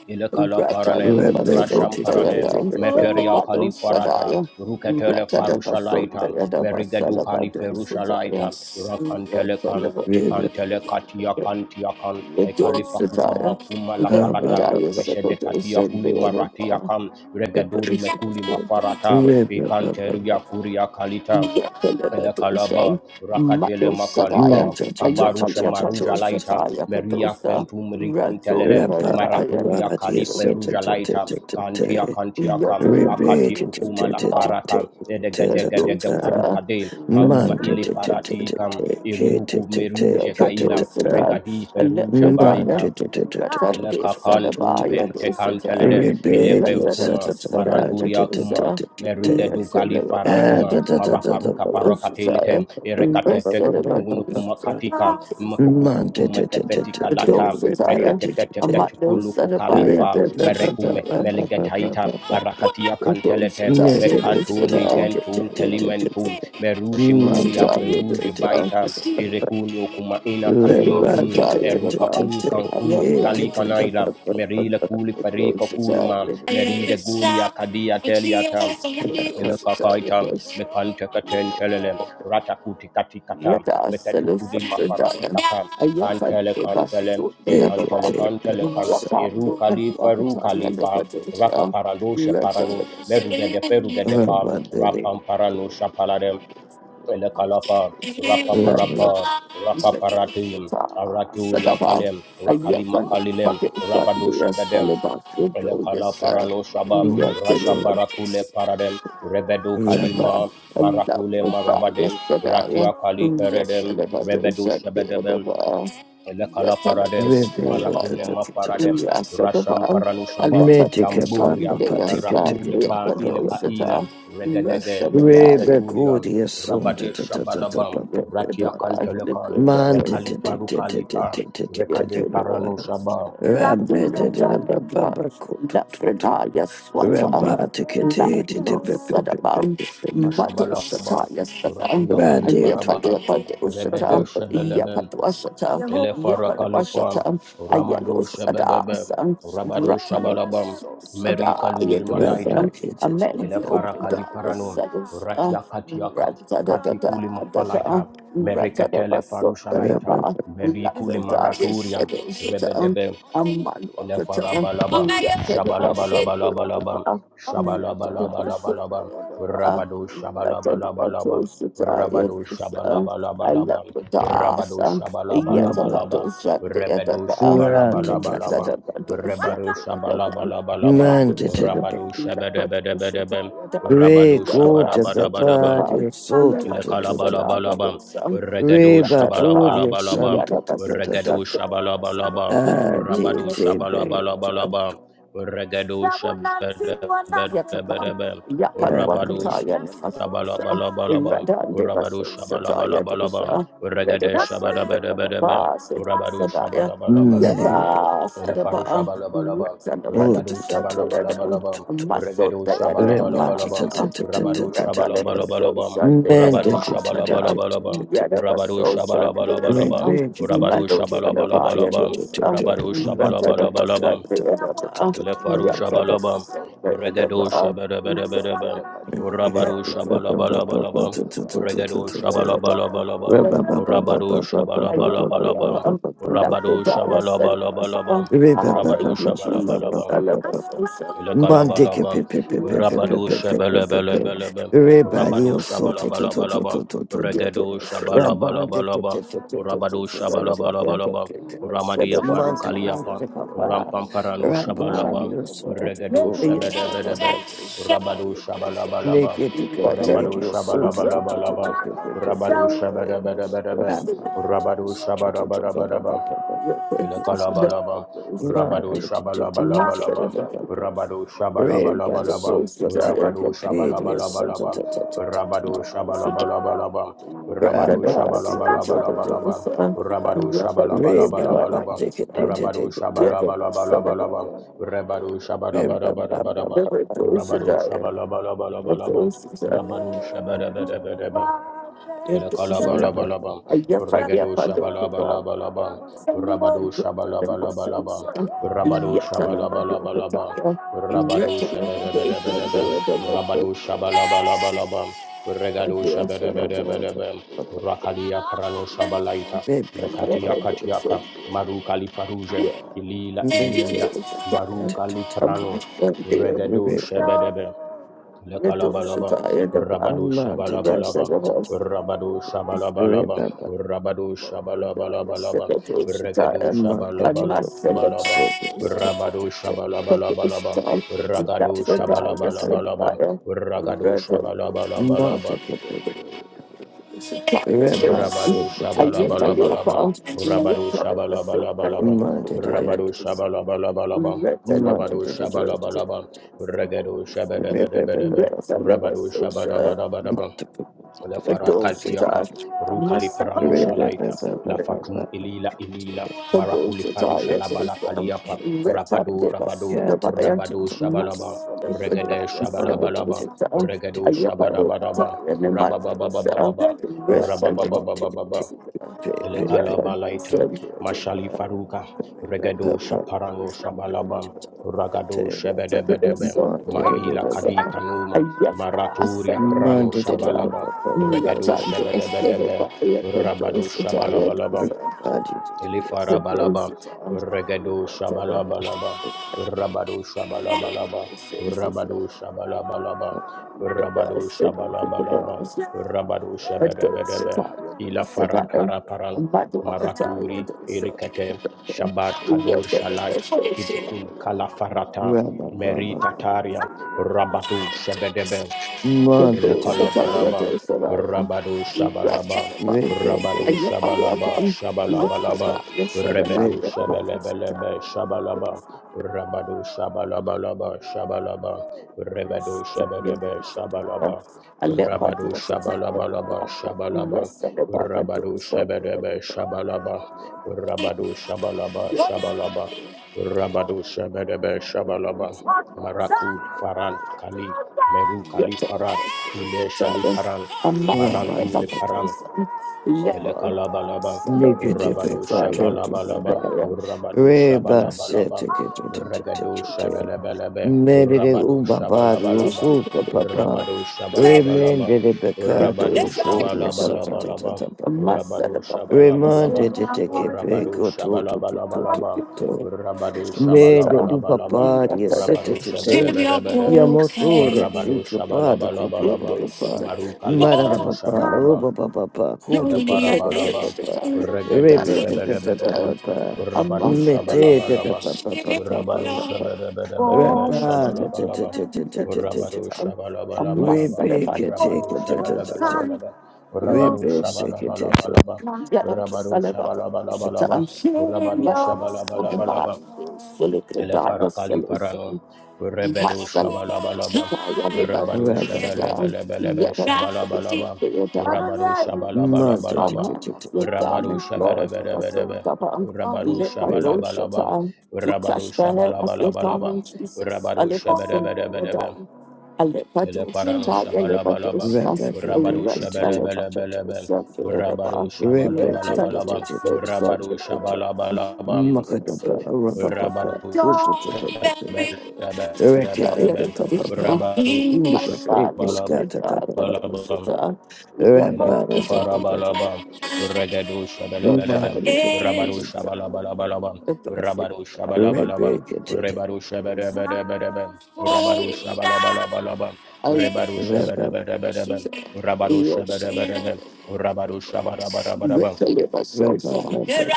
[SPEAKER 1] ilekala
[SPEAKER 2] Rata
[SPEAKER 1] parane rasham parane
[SPEAKER 2] Devasotayada,
[SPEAKER 1] meteria
[SPEAKER 2] Mado
[SPEAKER 1] kali farata
[SPEAKER 2] Sadaya,
[SPEAKER 1] ruketele
[SPEAKER 2] Rata
[SPEAKER 1] farushalaita
[SPEAKER 2] Devasotayada,
[SPEAKER 1] merigedu kali
[SPEAKER 2] Basalabadu Sadaya,
[SPEAKER 1] ferushalaita rakantele kan ikantele katia
[SPEAKER 2] Rata
[SPEAKER 1] kantia kan ekalifa kukama
[SPEAKER 2] Medusa,
[SPEAKER 1] kuma la farata
[SPEAKER 2] Lepidia,
[SPEAKER 1] reshede
[SPEAKER 2] Secodosa,
[SPEAKER 1] katia kuli
[SPEAKER 2] Leonora,
[SPEAKER 1] maratia kan regeduri
[SPEAKER 2] Medusa,
[SPEAKER 1] mekuli mafarata
[SPEAKER 2] Medusa,
[SPEAKER 1] ikanteria kuria kalita
[SPEAKER 2] Yakalabadosa,
[SPEAKER 1] Elekalaba, Rakatele
[SPEAKER 2] Madosadaya,
[SPEAKER 1] Makaliba, Kabarusha
[SPEAKER 2] Ayafalia
[SPEAKER 1] Maruja
[SPEAKER 2] Padosa,
[SPEAKER 1] Laita,
[SPEAKER 2] Taya
[SPEAKER 1] Maria
[SPEAKER 2] Padosa,
[SPEAKER 1] Fentum
[SPEAKER 2] Rato
[SPEAKER 1] Ricantelele,
[SPEAKER 2] Vadaya,
[SPEAKER 1] Maratoria Calife Ruja Laita, Kantia Kantiaka, Akati Kukuma La
[SPEAKER 2] Yatada
[SPEAKER 1] Faraka, Edegedegedege
[SPEAKER 2] Padoshita,
[SPEAKER 1] Faruka De, Maruma Ile Faratika, Iriuku Meruje Gaila,
[SPEAKER 2] Padoshita,
[SPEAKER 1] Regadi Feruja
[SPEAKER 3] Man,
[SPEAKER 2] Alepradaya,
[SPEAKER 3] da-
[SPEAKER 1] Baita,
[SPEAKER 3] da- da- da- da-
[SPEAKER 2] Rata
[SPEAKER 3] da-
[SPEAKER 1] ele
[SPEAKER 3] da-
[SPEAKER 2] de
[SPEAKER 3] da- da-
[SPEAKER 1] kakantum
[SPEAKER 3] da-
[SPEAKER 2] Sadabaya
[SPEAKER 3] da.
[SPEAKER 1] perte
[SPEAKER 2] Doshita,
[SPEAKER 1] kantelede ile
[SPEAKER 3] Rebellion,
[SPEAKER 2] Rata de
[SPEAKER 3] sa-
[SPEAKER 1] ferukuma
[SPEAKER 3] da- da- da- da-
[SPEAKER 2] Basadaya
[SPEAKER 3] da-
[SPEAKER 1] maranturia
[SPEAKER 3] da- da-
[SPEAKER 1] kuma
[SPEAKER 2] dosa
[SPEAKER 3] da- da-
[SPEAKER 1] merigedu
[SPEAKER 3] da.
[SPEAKER 2] Rata de
[SPEAKER 1] galifara
[SPEAKER 3] Ah,
[SPEAKER 1] kuma
[SPEAKER 3] da- da- da- da- da-
[SPEAKER 1] maraparuka
[SPEAKER 3] ba- ba- ba-
[SPEAKER 2] Doshita,
[SPEAKER 3] ba-
[SPEAKER 1] parakatelete
[SPEAKER 3] ba- ba-
[SPEAKER 1] erekatete
[SPEAKER 2] Rata
[SPEAKER 3] ba- ba- ba- ba-
[SPEAKER 1] kukunukuma
[SPEAKER 3] ba.
[SPEAKER 1] katika
[SPEAKER 3] Man, da-
[SPEAKER 1] mkukutukuma
[SPEAKER 3] da- da- da-
[SPEAKER 1] kefetika
[SPEAKER 3] da- da.
[SPEAKER 1] lata
[SPEAKER 2] Doshita,
[SPEAKER 3] Rebellion, da- da- da.
[SPEAKER 2] Amat
[SPEAKER 1] reketeketeketukuluku
[SPEAKER 2] Sadabaya
[SPEAKER 3] Rebellion,
[SPEAKER 1] kalifa
[SPEAKER 3] ba- ba-
[SPEAKER 1] merekume
[SPEAKER 2] Padoshita,
[SPEAKER 3] ba- ba- ba- ba- ba-
[SPEAKER 1] meligetaita
[SPEAKER 3] ba- ba- ba.
[SPEAKER 1] arakatia
[SPEAKER 2] don't
[SPEAKER 1] kantelete
[SPEAKER 3] Na-
[SPEAKER 2] Yet
[SPEAKER 3] da- da- da-
[SPEAKER 1] merkantun
[SPEAKER 3] da- da- da-
[SPEAKER 1] likentun
[SPEAKER 3] da- da- da-
[SPEAKER 1] kelimentun
[SPEAKER 3] da.
[SPEAKER 1] merushi
[SPEAKER 3] Man,
[SPEAKER 1] muria
[SPEAKER 3] da- da- da- da-
[SPEAKER 1] feruji
[SPEAKER 3] da- da-
[SPEAKER 1] baita
[SPEAKER 3] da- da- ba- ba.
[SPEAKER 1] irikuni ukuma ina ka
[SPEAKER 3] Reba,
[SPEAKER 1] inkun
[SPEAKER 3] da- da- da- da-
[SPEAKER 1] eruka
[SPEAKER 3] da-
[SPEAKER 1] kun
[SPEAKER 3] da.
[SPEAKER 1] kankunti
[SPEAKER 3] Ki- da- da- da-
[SPEAKER 1] kalikanaila
[SPEAKER 3] ba- ba- ba-
[SPEAKER 1] merile
[SPEAKER 3] ba.
[SPEAKER 1] kuli farika kulma meride guli akadia teliata ilekakaita mekantekatelelem ratakuti katikata meketukudi mafaratikata kantele kantele
[SPEAKER 3] Rabba
[SPEAKER 1] ikantele kantele kantele
[SPEAKER 3] Rabbi,
[SPEAKER 1] kan irukali farukalipa rapa parando sheparano merugede ferugede pa
[SPEAKER 2] I
[SPEAKER 1] rapam parano
[SPEAKER 2] Oh.
[SPEAKER 1] shapaladem elekalapa rapa parapa rapa paratim araturia
[SPEAKER 2] Sadaba,
[SPEAKER 1] kalem
[SPEAKER 2] I
[SPEAKER 1] rakali
[SPEAKER 2] yet find a
[SPEAKER 1] makalilem
[SPEAKER 2] pocket shot
[SPEAKER 1] rabado
[SPEAKER 2] the rest
[SPEAKER 1] shebedem
[SPEAKER 2] of the box will go, yes,
[SPEAKER 1] Elekala
[SPEAKER 2] sir.
[SPEAKER 1] parano shaba,
[SPEAKER 2] You are delivered.
[SPEAKER 1] rashabarakule paradem, rebedo kalima,
[SPEAKER 2] I love
[SPEAKER 1] marakule
[SPEAKER 2] the fire, yes,
[SPEAKER 1] marabadem,
[SPEAKER 2] sir.
[SPEAKER 1] ratia kali
[SPEAKER 2] Yes, I
[SPEAKER 1] peredem,
[SPEAKER 2] never do,
[SPEAKER 1] rebedu
[SPEAKER 2] said the other
[SPEAKER 1] shebedebem,
[SPEAKER 2] one. Yes,
[SPEAKER 1] elekala
[SPEAKER 2] I never
[SPEAKER 1] paradem,
[SPEAKER 2] see the
[SPEAKER 1] marakune
[SPEAKER 2] fire.
[SPEAKER 1] mafaradem,
[SPEAKER 2] Yes, I never.
[SPEAKER 1] rasham
[SPEAKER 2] And
[SPEAKER 1] parano
[SPEAKER 2] that I
[SPEAKER 1] shaba,
[SPEAKER 2] left a door shot the
[SPEAKER 1] lamburia,
[SPEAKER 2] yes,
[SPEAKER 1] rakule
[SPEAKER 2] The
[SPEAKER 1] pa
[SPEAKER 2] other
[SPEAKER 1] ile
[SPEAKER 2] door, said,
[SPEAKER 1] kaila,
[SPEAKER 2] Yes, I
[SPEAKER 1] regedege,
[SPEAKER 2] never die.
[SPEAKER 1] iriketuria, rabade shabalabam,
[SPEAKER 2] Let the
[SPEAKER 1] ratia
[SPEAKER 2] divine
[SPEAKER 1] kantelekan,
[SPEAKER 2] liquid that is
[SPEAKER 1] mekali
[SPEAKER 2] in us.
[SPEAKER 1] farukalita,
[SPEAKER 2] Yes,
[SPEAKER 1] rekade
[SPEAKER 2] in the Lord,
[SPEAKER 1] parano
[SPEAKER 2] yes.
[SPEAKER 1] shaba.
[SPEAKER 2] Nothing that I declare, that Frenaya swatan, that no Sadaban, Mato
[SPEAKER 1] Kashabalaba,
[SPEAKER 2] Shataya Saban,
[SPEAKER 1] Ratia
[SPEAKER 2] and
[SPEAKER 1] Kalifaraba,
[SPEAKER 2] Yapalapa de
[SPEAKER 1] Rebede
[SPEAKER 2] Ushata,
[SPEAKER 1] Shebelebe,
[SPEAKER 2] Yapatuashata,
[SPEAKER 1] Elefara Kalipam,
[SPEAKER 2] Yapatuashata,
[SPEAKER 1] Ramado Shebedebe,
[SPEAKER 2] ayalo
[SPEAKER 1] Rabado
[SPEAKER 2] ratada
[SPEAKER 1] Shabalabam, Mary Kaluri Malaita, Elefara Kaliparanum, Ratia Katiaka,
[SPEAKER 2] ratada da
[SPEAKER 1] Katikuli
[SPEAKER 2] da da da da,
[SPEAKER 1] Mafalaita, Mary
[SPEAKER 2] Ratada
[SPEAKER 1] Ketele
[SPEAKER 2] basso da
[SPEAKER 3] Re
[SPEAKER 1] Farushalaita,
[SPEAKER 2] da.
[SPEAKER 1] Mary Kuli
[SPEAKER 2] Lakadaya
[SPEAKER 1] Maraturia,
[SPEAKER 2] Sedosatan,
[SPEAKER 1] Rebedebe,
[SPEAKER 2] Amalwakatan,
[SPEAKER 1] Elefarabalabam, Shabalabalabalabam,
[SPEAKER 2] Yatadabasendurabha,
[SPEAKER 1] Shabalabalabalabam,
[SPEAKER 2] Yatadabasendurabha,
[SPEAKER 1] Rabado Shabalabalabam,
[SPEAKER 2] Ratadiyatosataya
[SPEAKER 1] Rabado
[SPEAKER 2] Dosa,
[SPEAKER 1] Shabalabalabam, Rabado
[SPEAKER 2] Alakadasa,
[SPEAKER 1] Shabalabalabam, Rebedo
[SPEAKER 2] Yatabadosandiyadabha,
[SPEAKER 1] Shabalabalabam, Rebado
[SPEAKER 2] Ratadabadosandiyadabha,
[SPEAKER 1] Shabalabalabam,
[SPEAKER 2] Madosa,
[SPEAKER 1] Rabado Shabadabadabadabam,
[SPEAKER 2] Lakadosatayadam,
[SPEAKER 1] Rabado
[SPEAKER 3] coda the
[SPEAKER 1] Shabadabadabadabam,
[SPEAKER 2] Yadabasendurabha,
[SPEAKER 3] bad your soul to to to to to
[SPEAKER 2] Yadabadosadaya
[SPEAKER 3] to.
[SPEAKER 1] Elekalabalaba,
[SPEAKER 2] Dosa,
[SPEAKER 3] Re
[SPEAKER 1] Regado
[SPEAKER 3] batu
[SPEAKER 2] Ratadabha,
[SPEAKER 3] your son
[SPEAKER 1] Shabalabalaba,
[SPEAKER 3] to to to to
[SPEAKER 2] Yadabasosha,
[SPEAKER 3] to
[SPEAKER 1] Regado Shabalabalaba,
[SPEAKER 2] Yadabasadaban,
[SPEAKER 3] Ah de
[SPEAKER 1] Rabado
[SPEAKER 3] te be
[SPEAKER 1] Shabalabalaba, Regado
[SPEAKER 2] Yatatan,
[SPEAKER 1] Shabalabalaba, Rabado
[SPEAKER 2] Yapalwakataya Namasosa,
[SPEAKER 1] Shabalabalaba,
[SPEAKER 2] Radan
[SPEAKER 1] Rabado
[SPEAKER 2] Devasosa Taya
[SPEAKER 1] Shabalabalaba,
[SPEAKER 2] Dosa,
[SPEAKER 1] Regade
[SPEAKER 2] Redavasunda
[SPEAKER 1] Shabalabalaba,
[SPEAKER 2] Yadaba,
[SPEAKER 1] Rabado
[SPEAKER 2] Sedaya,
[SPEAKER 1] Shabalabalaba,
[SPEAKER 2] Yata
[SPEAKER 1] Ola faro
[SPEAKER 2] Sadaba,
[SPEAKER 1] shaba laba laba.
[SPEAKER 3] Oh to.
[SPEAKER 1] Regado
[SPEAKER 3] to
[SPEAKER 1] shaba
[SPEAKER 2] Ratanabadosa
[SPEAKER 3] to
[SPEAKER 1] laba laba
[SPEAKER 3] to
[SPEAKER 2] Deadam,
[SPEAKER 1] laba.
[SPEAKER 3] to to
[SPEAKER 2] Maso
[SPEAKER 1] Regado shaba
[SPEAKER 3] Re
[SPEAKER 1] laba laba
[SPEAKER 3] batu
[SPEAKER 1] laba.
[SPEAKER 3] to. to
[SPEAKER 2] Deadabasa,
[SPEAKER 3] to to to
[SPEAKER 1] Rabado
[SPEAKER 3] to to
[SPEAKER 1] shaba laba
[SPEAKER 3] to
[SPEAKER 1] laba laba.
[SPEAKER 2] Ratanabasosa
[SPEAKER 3] Men
[SPEAKER 1] Rabado
[SPEAKER 3] to. to
[SPEAKER 1] shaba
[SPEAKER 3] to
[SPEAKER 1] laba
[SPEAKER 3] to
[SPEAKER 2] Deadabasada,
[SPEAKER 3] to
[SPEAKER 1] laba laba.
[SPEAKER 3] to to batu batu te be oh
[SPEAKER 1] Rabado
[SPEAKER 3] to.
[SPEAKER 1] shaba
[SPEAKER 2] Yadabasosa
[SPEAKER 1] laba laba laba.
[SPEAKER 2] Deadasa,
[SPEAKER 3] Rebellion.
[SPEAKER 1] Rabado
[SPEAKER 2] Mado
[SPEAKER 1] shaba laba laba
[SPEAKER 2] Sadabaya
[SPEAKER 1] laba.
[SPEAKER 2] Dosa,
[SPEAKER 1] Rabado shaba laba laba laba. Elefaru Shabalabam, Regado Shabarabarabam, Urabaru Shabalabalabalabam, Regado Shabalabalabalabam, Urabaru Shabalabalabalabam, Urabaru Shabalabalabalabam,
[SPEAKER 2] Ah,
[SPEAKER 1] Urabaru
[SPEAKER 2] thank you, Jesus.
[SPEAKER 1] Shabalabalabam.
[SPEAKER 2] I love us so
[SPEAKER 3] Mandike
[SPEAKER 1] Ilakalabalaba,
[SPEAKER 3] pe pe pe pe
[SPEAKER 2] Yes,
[SPEAKER 3] pe pe
[SPEAKER 2] and
[SPEAKER 3] pe
[SPEAKER 1] Rabado
[SPEAKER 2] it
[SPEAKER 3] pe pe pe pe.
[SPEAKER 1] Shabalabalaba,
[SPEAKER 3] Everybody
[SPEAKER 1] Rabado
[SPEAKER 3] also to to to to
[SPEAKER 1] Shabalabalaba,
[SPEAKER 3] to to to to to.
[SPEAKER 1] Regado
[SPEAKER 2] was so Yes,
[SPEAKER 3] Rabande to to
[SPEAKER 1] Shabalabalaba,
[SPEAKER 3] to to to to
[SPEAKER 1] Rabado
[SPEAKER 3] to to to to
[SPEAKER 2] Sadabaya,
[SPEAKER 3] to
[SPEAKER 1] Shabalabalaba,
[SPEAKER 3] to to.
[SPEAKER 1] Ramadia
[SPEAKER 2] Sadabaya,
[SPEAKER 1] Faru Kaliapa,
[SPEAKER 3] Mantarante papa.
[SPEAKER 1] Rampamparano
[SPEAKER 3] Rabande
[SPEAKER 1] Shabalaba,
[SPEAKER 3] also to to
[SPEAKER 1] Regado
[SPEAKER 3] to to papa
[SPEAKER 1] Shabadabadaba,
[SPEAKER 3] papa.
[SPEAKER 1] Rabado Shabalabalaba,
[SPEAKER 3] Neke tike pe
[SPEAKER 1] Rabado
[SPEAKER 3] dio so to to to to to
[SPEAKER 1] Shabalabalabalaba,
[SPEAKER 3] pe pe pe pe
[SPEAKER 1] Rabado
[SPEAKER 3] pe pe.
[SPEAKER 1] Shabadabadabadaba,
[SPEAKER 3] Rabande
[SPEAKER 1] Rabado
[SPEAKER 3] also to to to to to to
[SPEAKER 1] Shabadabadabadaba,
[SPEAKER 3] to to.
[SPEAKER 1] Elekalabalaba,
[SPEAKER 3] Ma
[SPEAKER 1] Rabado
[SPEAKER 3] do do do do do do do
[SPEAKER 1] Shabalabalaba,
[SPEAKER 3] do do do.
[SPEAKER 1] Rabado
[SPEAKER 3] Reba
[SPEAKER 1] Shabalabalaba,
[SPEAKER 3] so do do
[SPEAKER 2] Rakadosha
[SPEAKER 1] Rabado
[SPEAKER 3] do do do so do
[SPEAKER 1] Shabalabalaba,
[SPEAKER 3] do do do do do.
[SPEAKER 1] Rabado Shabalabalaba, Rabado Shabalabalaba, Rabado
[SPEAKER 3] Raba do do do do do do do
[SPEAKER 1] Shabalabalabalaba,
[SPEAKER 3] do do.
[SPEAKER 1] Rabado
[SPEAKER 3] Reba ba
[SPEAKER 1] Shabalabalabalaba,
[SPEAKER 3] do do do do
[SPEAKER 1] Rabado
[SPEAKER 3] do do do.
[SPEAKER 1] Shabalabalabalaba, Rabado
[SPEAKER 3] Reba ba ba ba
[SPEAKER 1] Shabalabalabalaba,
[SPEAKER 3] ba.
[SPEAKER 1] Rabado Shabalabalabalaba,
[SPEAKER 3] Reba ba
[SPEAKER 1] Elekalabalabam, Regado Shabalabalabalabam, Rabado Shabalabalabalabam, Rabado Shabalabalabalabam, Rabado Shabadabadabadabam, Rabado Shabalabalabalabam, Regado
[SPEAKER 3] ba ba ba
[SPEAKER 1] Shabadabadabadabam,
[SPEAKER 3] ba ba ba.
[SPEAKER 1] Rakadia Parano Shabalaita,
[SPEAKER 3] Reba ba ba
[SPEAKER 1] Mekatia
[SPEAKER 3] ba.
[SPEAKER 1] Katiaka, Marukali Farujem,
[SPEAKER 2] Yes,
[SPEAKER 1] Ilila
[SPEAKER 3] Reba do
[SPEAKER 1] Ilila,
[SPEAKER 3] do do do do
[SPEAKER 1] Marukali
[SPEAKER 2] Yadoshataya,
[SPEAKER 3] do
[SPEAKER 2] A
[SPEAKER 3] do.
[SPEAKER 1] Prano,
[SPEAKER 2] must be a
[SPEAKER 1] Regado
[SPEAKER 3] Reba ba ba
[SPEAKER 1] Shabadabam.
[SPEAKER 3] ba.
[SPEAKER 1] Lekalabalaba,
[SPEAKER 2] Yadushataya Daba,
[SPEAKER 1] Rabadu
[SPEAKER 3] Ma do do do
[SPEAKER 1] Shabalabalaba,
[SPEAKER 3] do do. do.
[SPEAKER 2] Ratsadavas,
[SPEAKER 1] Rabadu Shabalabalaba,
[SPEAKER 3] Reba ba.
[SPEAKER 1] Rabadu Shabalabalabalaba, Regadu
[SPEAKER 2] Sakadushataya,
[SPEAKER 3] Ma do
[SPEAKER 2] and
[SPEAKER 3] do do
[SPEAKER 1] Shabalabalabalaba,
[SPEAKER 3] do
[SPEAKER 2] Masadavas.
[SPEAKER 3] do
[SPEAKER 1] Rabadu
[SPEAKER 3] do do.
[SPEAKER 1] Shabalabalabalaba,
[SPEAKER 2] Pakistan,
[SPEAKER 3] Mother,
[SPEAKER 1] Ragadu
[SPEAKER 2] Lafrida,
[SPEAKER 1] Shabalabalabalaba,
[SPEAKER 2] Sibaya,
[SPEAKER 1] Ragadu
[SPEAKER 2] Reverend.
[SPEAKER 1] Shabalabalabalaba,
[SPEAKER 2] Supplier Susan,
[SPEAKER 1] Rabado
[SPEAKER 2] I yet on the
[SPEAKER 1] Shabalabalabalaba,
[SPEAKER 2] upper, yet
[SPEAKER 1] Rabado
[SPEAKER 2] on the pursuit, I am
[SPEAKER 1] Shabalabalabalaba,
[SPEAKER 2] the
[SPEAKER 1] Rabado
[SPEAKER 2] direct to serve.
[SPEAKER 1] Shabalabalabalaba,
[SPEAKER 2] Let a never
[SPEAKER 1] Rabado
[SPEAKER 2] do safety.
[SPEAKER 1] Shabalabalaba, Regado Shabadabadabadaba,
[SPEAKER 2] Let a never
[SPEAKER 1] Rabado
[SPEAKER 2] so sure,
[SPEAKER 1] Shabadabadabadaba, la
[SPEAKER 2] but don't sit
[SPEAKER 1] farakaltiaka
[SPEAKER 2] I
[SPEAKER 1] rukali
[SPEAKER 2] must have
[SPEAKER 1] parano
[SPEAKER 2] been
[SPEAKER 1] shalaita la fatum
[SPEAKER 2] so
[SPEAKER 1] ilila ilila
[SPEAKER 2] let
[SPEAKER 1] marakuli farusha la balakaliapa
[SPEAKER 2] up
[SPEAKER 1] rabado
[SPEAKER 2] give
[SPEAKER 1] rabado
[SPEAKER 2] us the buyer,
[SPEAKER 1] rabado
[SPEAKER 2] must
[SPEAKER 1] shabalaba
[SPEAKER 2] the
[SPEAKER 1] regede
[SPEAKER 2] Bradaya
[SPEAKER 1] shabalabalaba
[SPEAKER 2] Sepadosa,
[SPEAKER 1] regedo
[SPEAKER 2] Ayapa
[SPEAKER 1] shabarabaraba
[SPEAKER 2] Lopata, and the Mandosa,
[SPEAKER 1] rababababababa
[SPEAKER 2] rest and the
[SPEAKER 1] rababababababa
[SPEAKER 2] Lopata, Yapa
[SPEAKER 1] Elekalabalaita, Mashali Faruka, Regado Shaparano Shabalaba,
[SPEAKER 2] Send.
[SPEAKER 1] Ragado
[SPEAKER 2] Yes, a
[SPEAKER 1] Shebedebedebe,
[SPEAKER 2] dose of fire, a
[SPEAKER 1] Maila
[SPEAKER 2] dose of
[SPEAKER 1] Kadi Kanuma, Maraturia Prano Shabalaba, Regado Shebedebedebe, Rabado Shabalabalaba, Ilifarabalaba, Regedo Shabalabalaba, Rabado Shabalabalaba, Rabado Shabalabalaba, Rabado Shabalabalaba, Rabado Shabadabadaba,
[SPEAKER 2] fire. A
[SPEAKER 1] Ilafarataraparal,
[SPEAKER 2] bottle of fire, a
[SPEAKER 1] Maraturi,
[SPEAKER 2] dose of
[SPEAKER 1] Irikete,
[SPEAKER 2] fire.
[SPEAKER 1] Shabbat
[SPEAKER 2] We are going
[SPEAKER 1] Kadur
[SPEAKER 2] to the
[SPEAKER 1] Shalat,
[SPEAKER 2] best
[SPEAKER 1] Kitikum Kalafarata, Merita
[SPEAKER 2] of
[SPEAKER 1] Taria, Rabadu Shebedebe,
[SPEAKER 2] The
[SPEAKER 1] Ele
[SPEAKER 2] dose of Taya
[SPEAKER 1] kalabalaba
[SPEAKER 2] Dosaraya,
[SPEAKER 1] Rabado Shabalaba,
[SPEAKER 2] Ratsadaba,
[SPEAKER 1] Rabado Shabalaba,
[SPEAKER 2] Ayapaliapan, Lifted
[SPEAKER 1] Shabalabalaba, Rebedo
[SPEAKER 2] Sadabaya, Sataya
[SPEAKER 1] Shabalebelebe, Shabalaba, Rabado Shabalabalaba, Shabalaba, Rebedo Shabelebe,
[SPEAKER 2] Dosaraya,
[SPEAKER 1] Shabalaba,
[SPEAKER 2] Alepati
[SPEAKER 1] Rabado
[SPEAKER 2] of Sataya,
[SPEAKER 1] Shabalabalaba, Shabalaba,
[SPEAKER 2] Rasadabaka
[SPEAKER 1] Rabado
[SPEAKER 2] Dosa,
[SPEAKER 1] Shabedebe, Shabalaba, Rabado Shabalaba, Shabalaba, Rabado Shabedebe, Shabalaba, Marakul, Farant, Kali, Meru Kali farad, Ileshali Paran, Maran Uli Paran, Elekalabalaba,
[SPEAKER 3] Negative
[SPEAKER 1] Rabado
[SPEAKER 3] control to
[SPEAKER 1] Shabalabalaba,
[SPEAKER 3] prepare.
[SPEAKER 1] Rabado
[SPEAKER 3] Reba said
[SPEAKER 1] Shabalabalaba,
[SPEAKER 3] to
[SPEAKER 1] Regado
[SPEAKER 3] get
[SPEAKER 1] Shabalabalaba,
[SPEAKER 3] Merere
[SPEAKER 1] Rabado
[SPEAKER 3] uba bario
[SPEAKER 1] Shabalabalaba,
[SPEAKER 3] supa papa.
[SPEAKER 1] Rabado Shabalabalaba,
[SPEAKER 3] Remende de peccato
[SPEAKER 1] Rabado
[SPEAKER 3] corporeo
[SPEAKER 1] Shabalabalabalaba,
[SPEAKER 3] satatata papa.
[SPEAKER 1] Rabado
[SPEAKER 3] Remande
[SPEAKER 1] Shabalabalaba,
[SPEAKER 3] de te che
[SPEAKER 1] Rabado
[SPEAKER 3] pego tutto tutto
[SPEAKER 1] Shabalabalabalaba,
[SPEAKER 3] tutto
[SPEAKER 1] Rabado
[SPEAKER 3] Mede
[SPEAKER 1] Shabalabalabalaba,
[SPEAKER 3] upapari e
[SPEAKER 1] Rabado
[SPEAKER 3] sete
[SPEAKER 2] Give
[SPEAKER 3] tete.
[SPEAKER 2] your
[SPEAKER 1] shabalabalaba,
[SPEAKER 3] Yamotore
[SPEAKER 2] bouquet.
[SPEAKER 1] Rabado
[SPEAKER 3] tika pada kupa
[SPEAKER 2] You're
[SPEAKER 1] Shabalabalabalaba,
[SPEAKER 3] papa pa.
[SPEAKER 1] Marukali
[SPEAKER 3] Marana
[SPEAKER 1] Parano
[SPEAKER 3] papa,
[SPEAKER 1] Shabalaba,
[SPEAKER 3] rupa papa pa, kutu to papa papa
[SPEAKER 1] Elefarabalaba,
[SPEAKER 3] pa.
[SPEAKER 1] Regado
[SPEAKER 3] Rebe pepe pepe
[SPEAKER 1] Shabadabadaba,
[SPEAKER 3] papa.
[SPEAKER 1] Rabado
[SPEAKER 3] Mete tete
[SPEAKER 1] Shabalabalaba,
[SPEAKER 3] papa papa
[SPEAKER 1] Rabado
[SPEAKER 3] papa pa.
[SPEAKER 1] Shabadabadabadaba,
[SPEAKER 3] Rabba tete
[SPEAKER 1] Shabalabalaba,
[SPEAKER 3] tete tete tete
[SPEAKER 1] Rabado
[SPEAKER 3] tete.
[SPEAKER 1] Shabalabalabalaba,
[SPEAKER 3] Rebe kete
[SPEAKER 1] Rabado
[SPEAKER 3] kete tete. tete.
[SPEAKER 1] Shabalabalabalaba, Rabado
[SPEAKER 3] Rebe seke tete.
[SPEAKER 1] Shabalabalabalaba, Rabado Shabalabalabalaba, Rabado Shabalabalabalaba, Elefara kali
[SPEAKER 2] Yes,
[SPEAKER 1] parano,
[SPEAKER 2] to
[SPEAKER 1] Rebedo
[SPEAKER 2] touch the hem
[SPEAKER 1] shabalabalaba, Rabado
[SPEAKER 3] Rabba rabba.
[SPEAKER 1] shabalabalabalaba shabalabalaba, Rabado
[SPEAKER 3] Mante
[SPEAKER 1] shabalabalabalaba,
[SPEAKER 3] tete tete
[SPEAKER 1] Rabado shabalabalabalaba, Rabado
[SPEAKER 3] tete.
[SPEAKER 1] shabalabalaba, Rabado
[SPEAKER 2] of your
[SPEAKER 1] shabalabalabalaba,
[SPEAKER 2] garment, Jesus.
[SPEAKER 1] Rabado shabalabalabalaba,
[SPEAKER 2] Alepasododa.
[SPEAKER 1] Eleparano
[SPEAKER 2] Alepadosita,
[SPEAKER 1] shabalabalaba,
[SPEAKER 2] Elepadosa.
[SPEAKER 3] Rabba,
[SPEAKER 1] Rabado
[SPEAKER 2] Rest,
[SPEAKER 1] shabalabalabalaba,
[SPEAKER 2] Alepadosa,
[SPEAKER 1] Rabado
[SPEAKER 2] Vedaba.
[SPEAKER 1] shabalabalabalaba, Rabado shabalabalaba, Rabaru
[SPEAKER 2] Yes,
[SPEAKER 1] Balabam, Ela
[SPEAKER 2] Yes,
[SPEAKER 1] Rabadushabalabalabam. Rabadushabalabalabam. Elefarabalabam. Regadushabalabalabam. Rabadushabalabalabam. Rabadushabalabalabam. Rebadushabadabadabadabam. Rabadushabalabalabam. Rebadushabadabadabadabam. Rabadushabadabadabam. Rabadushabadabadabadabam.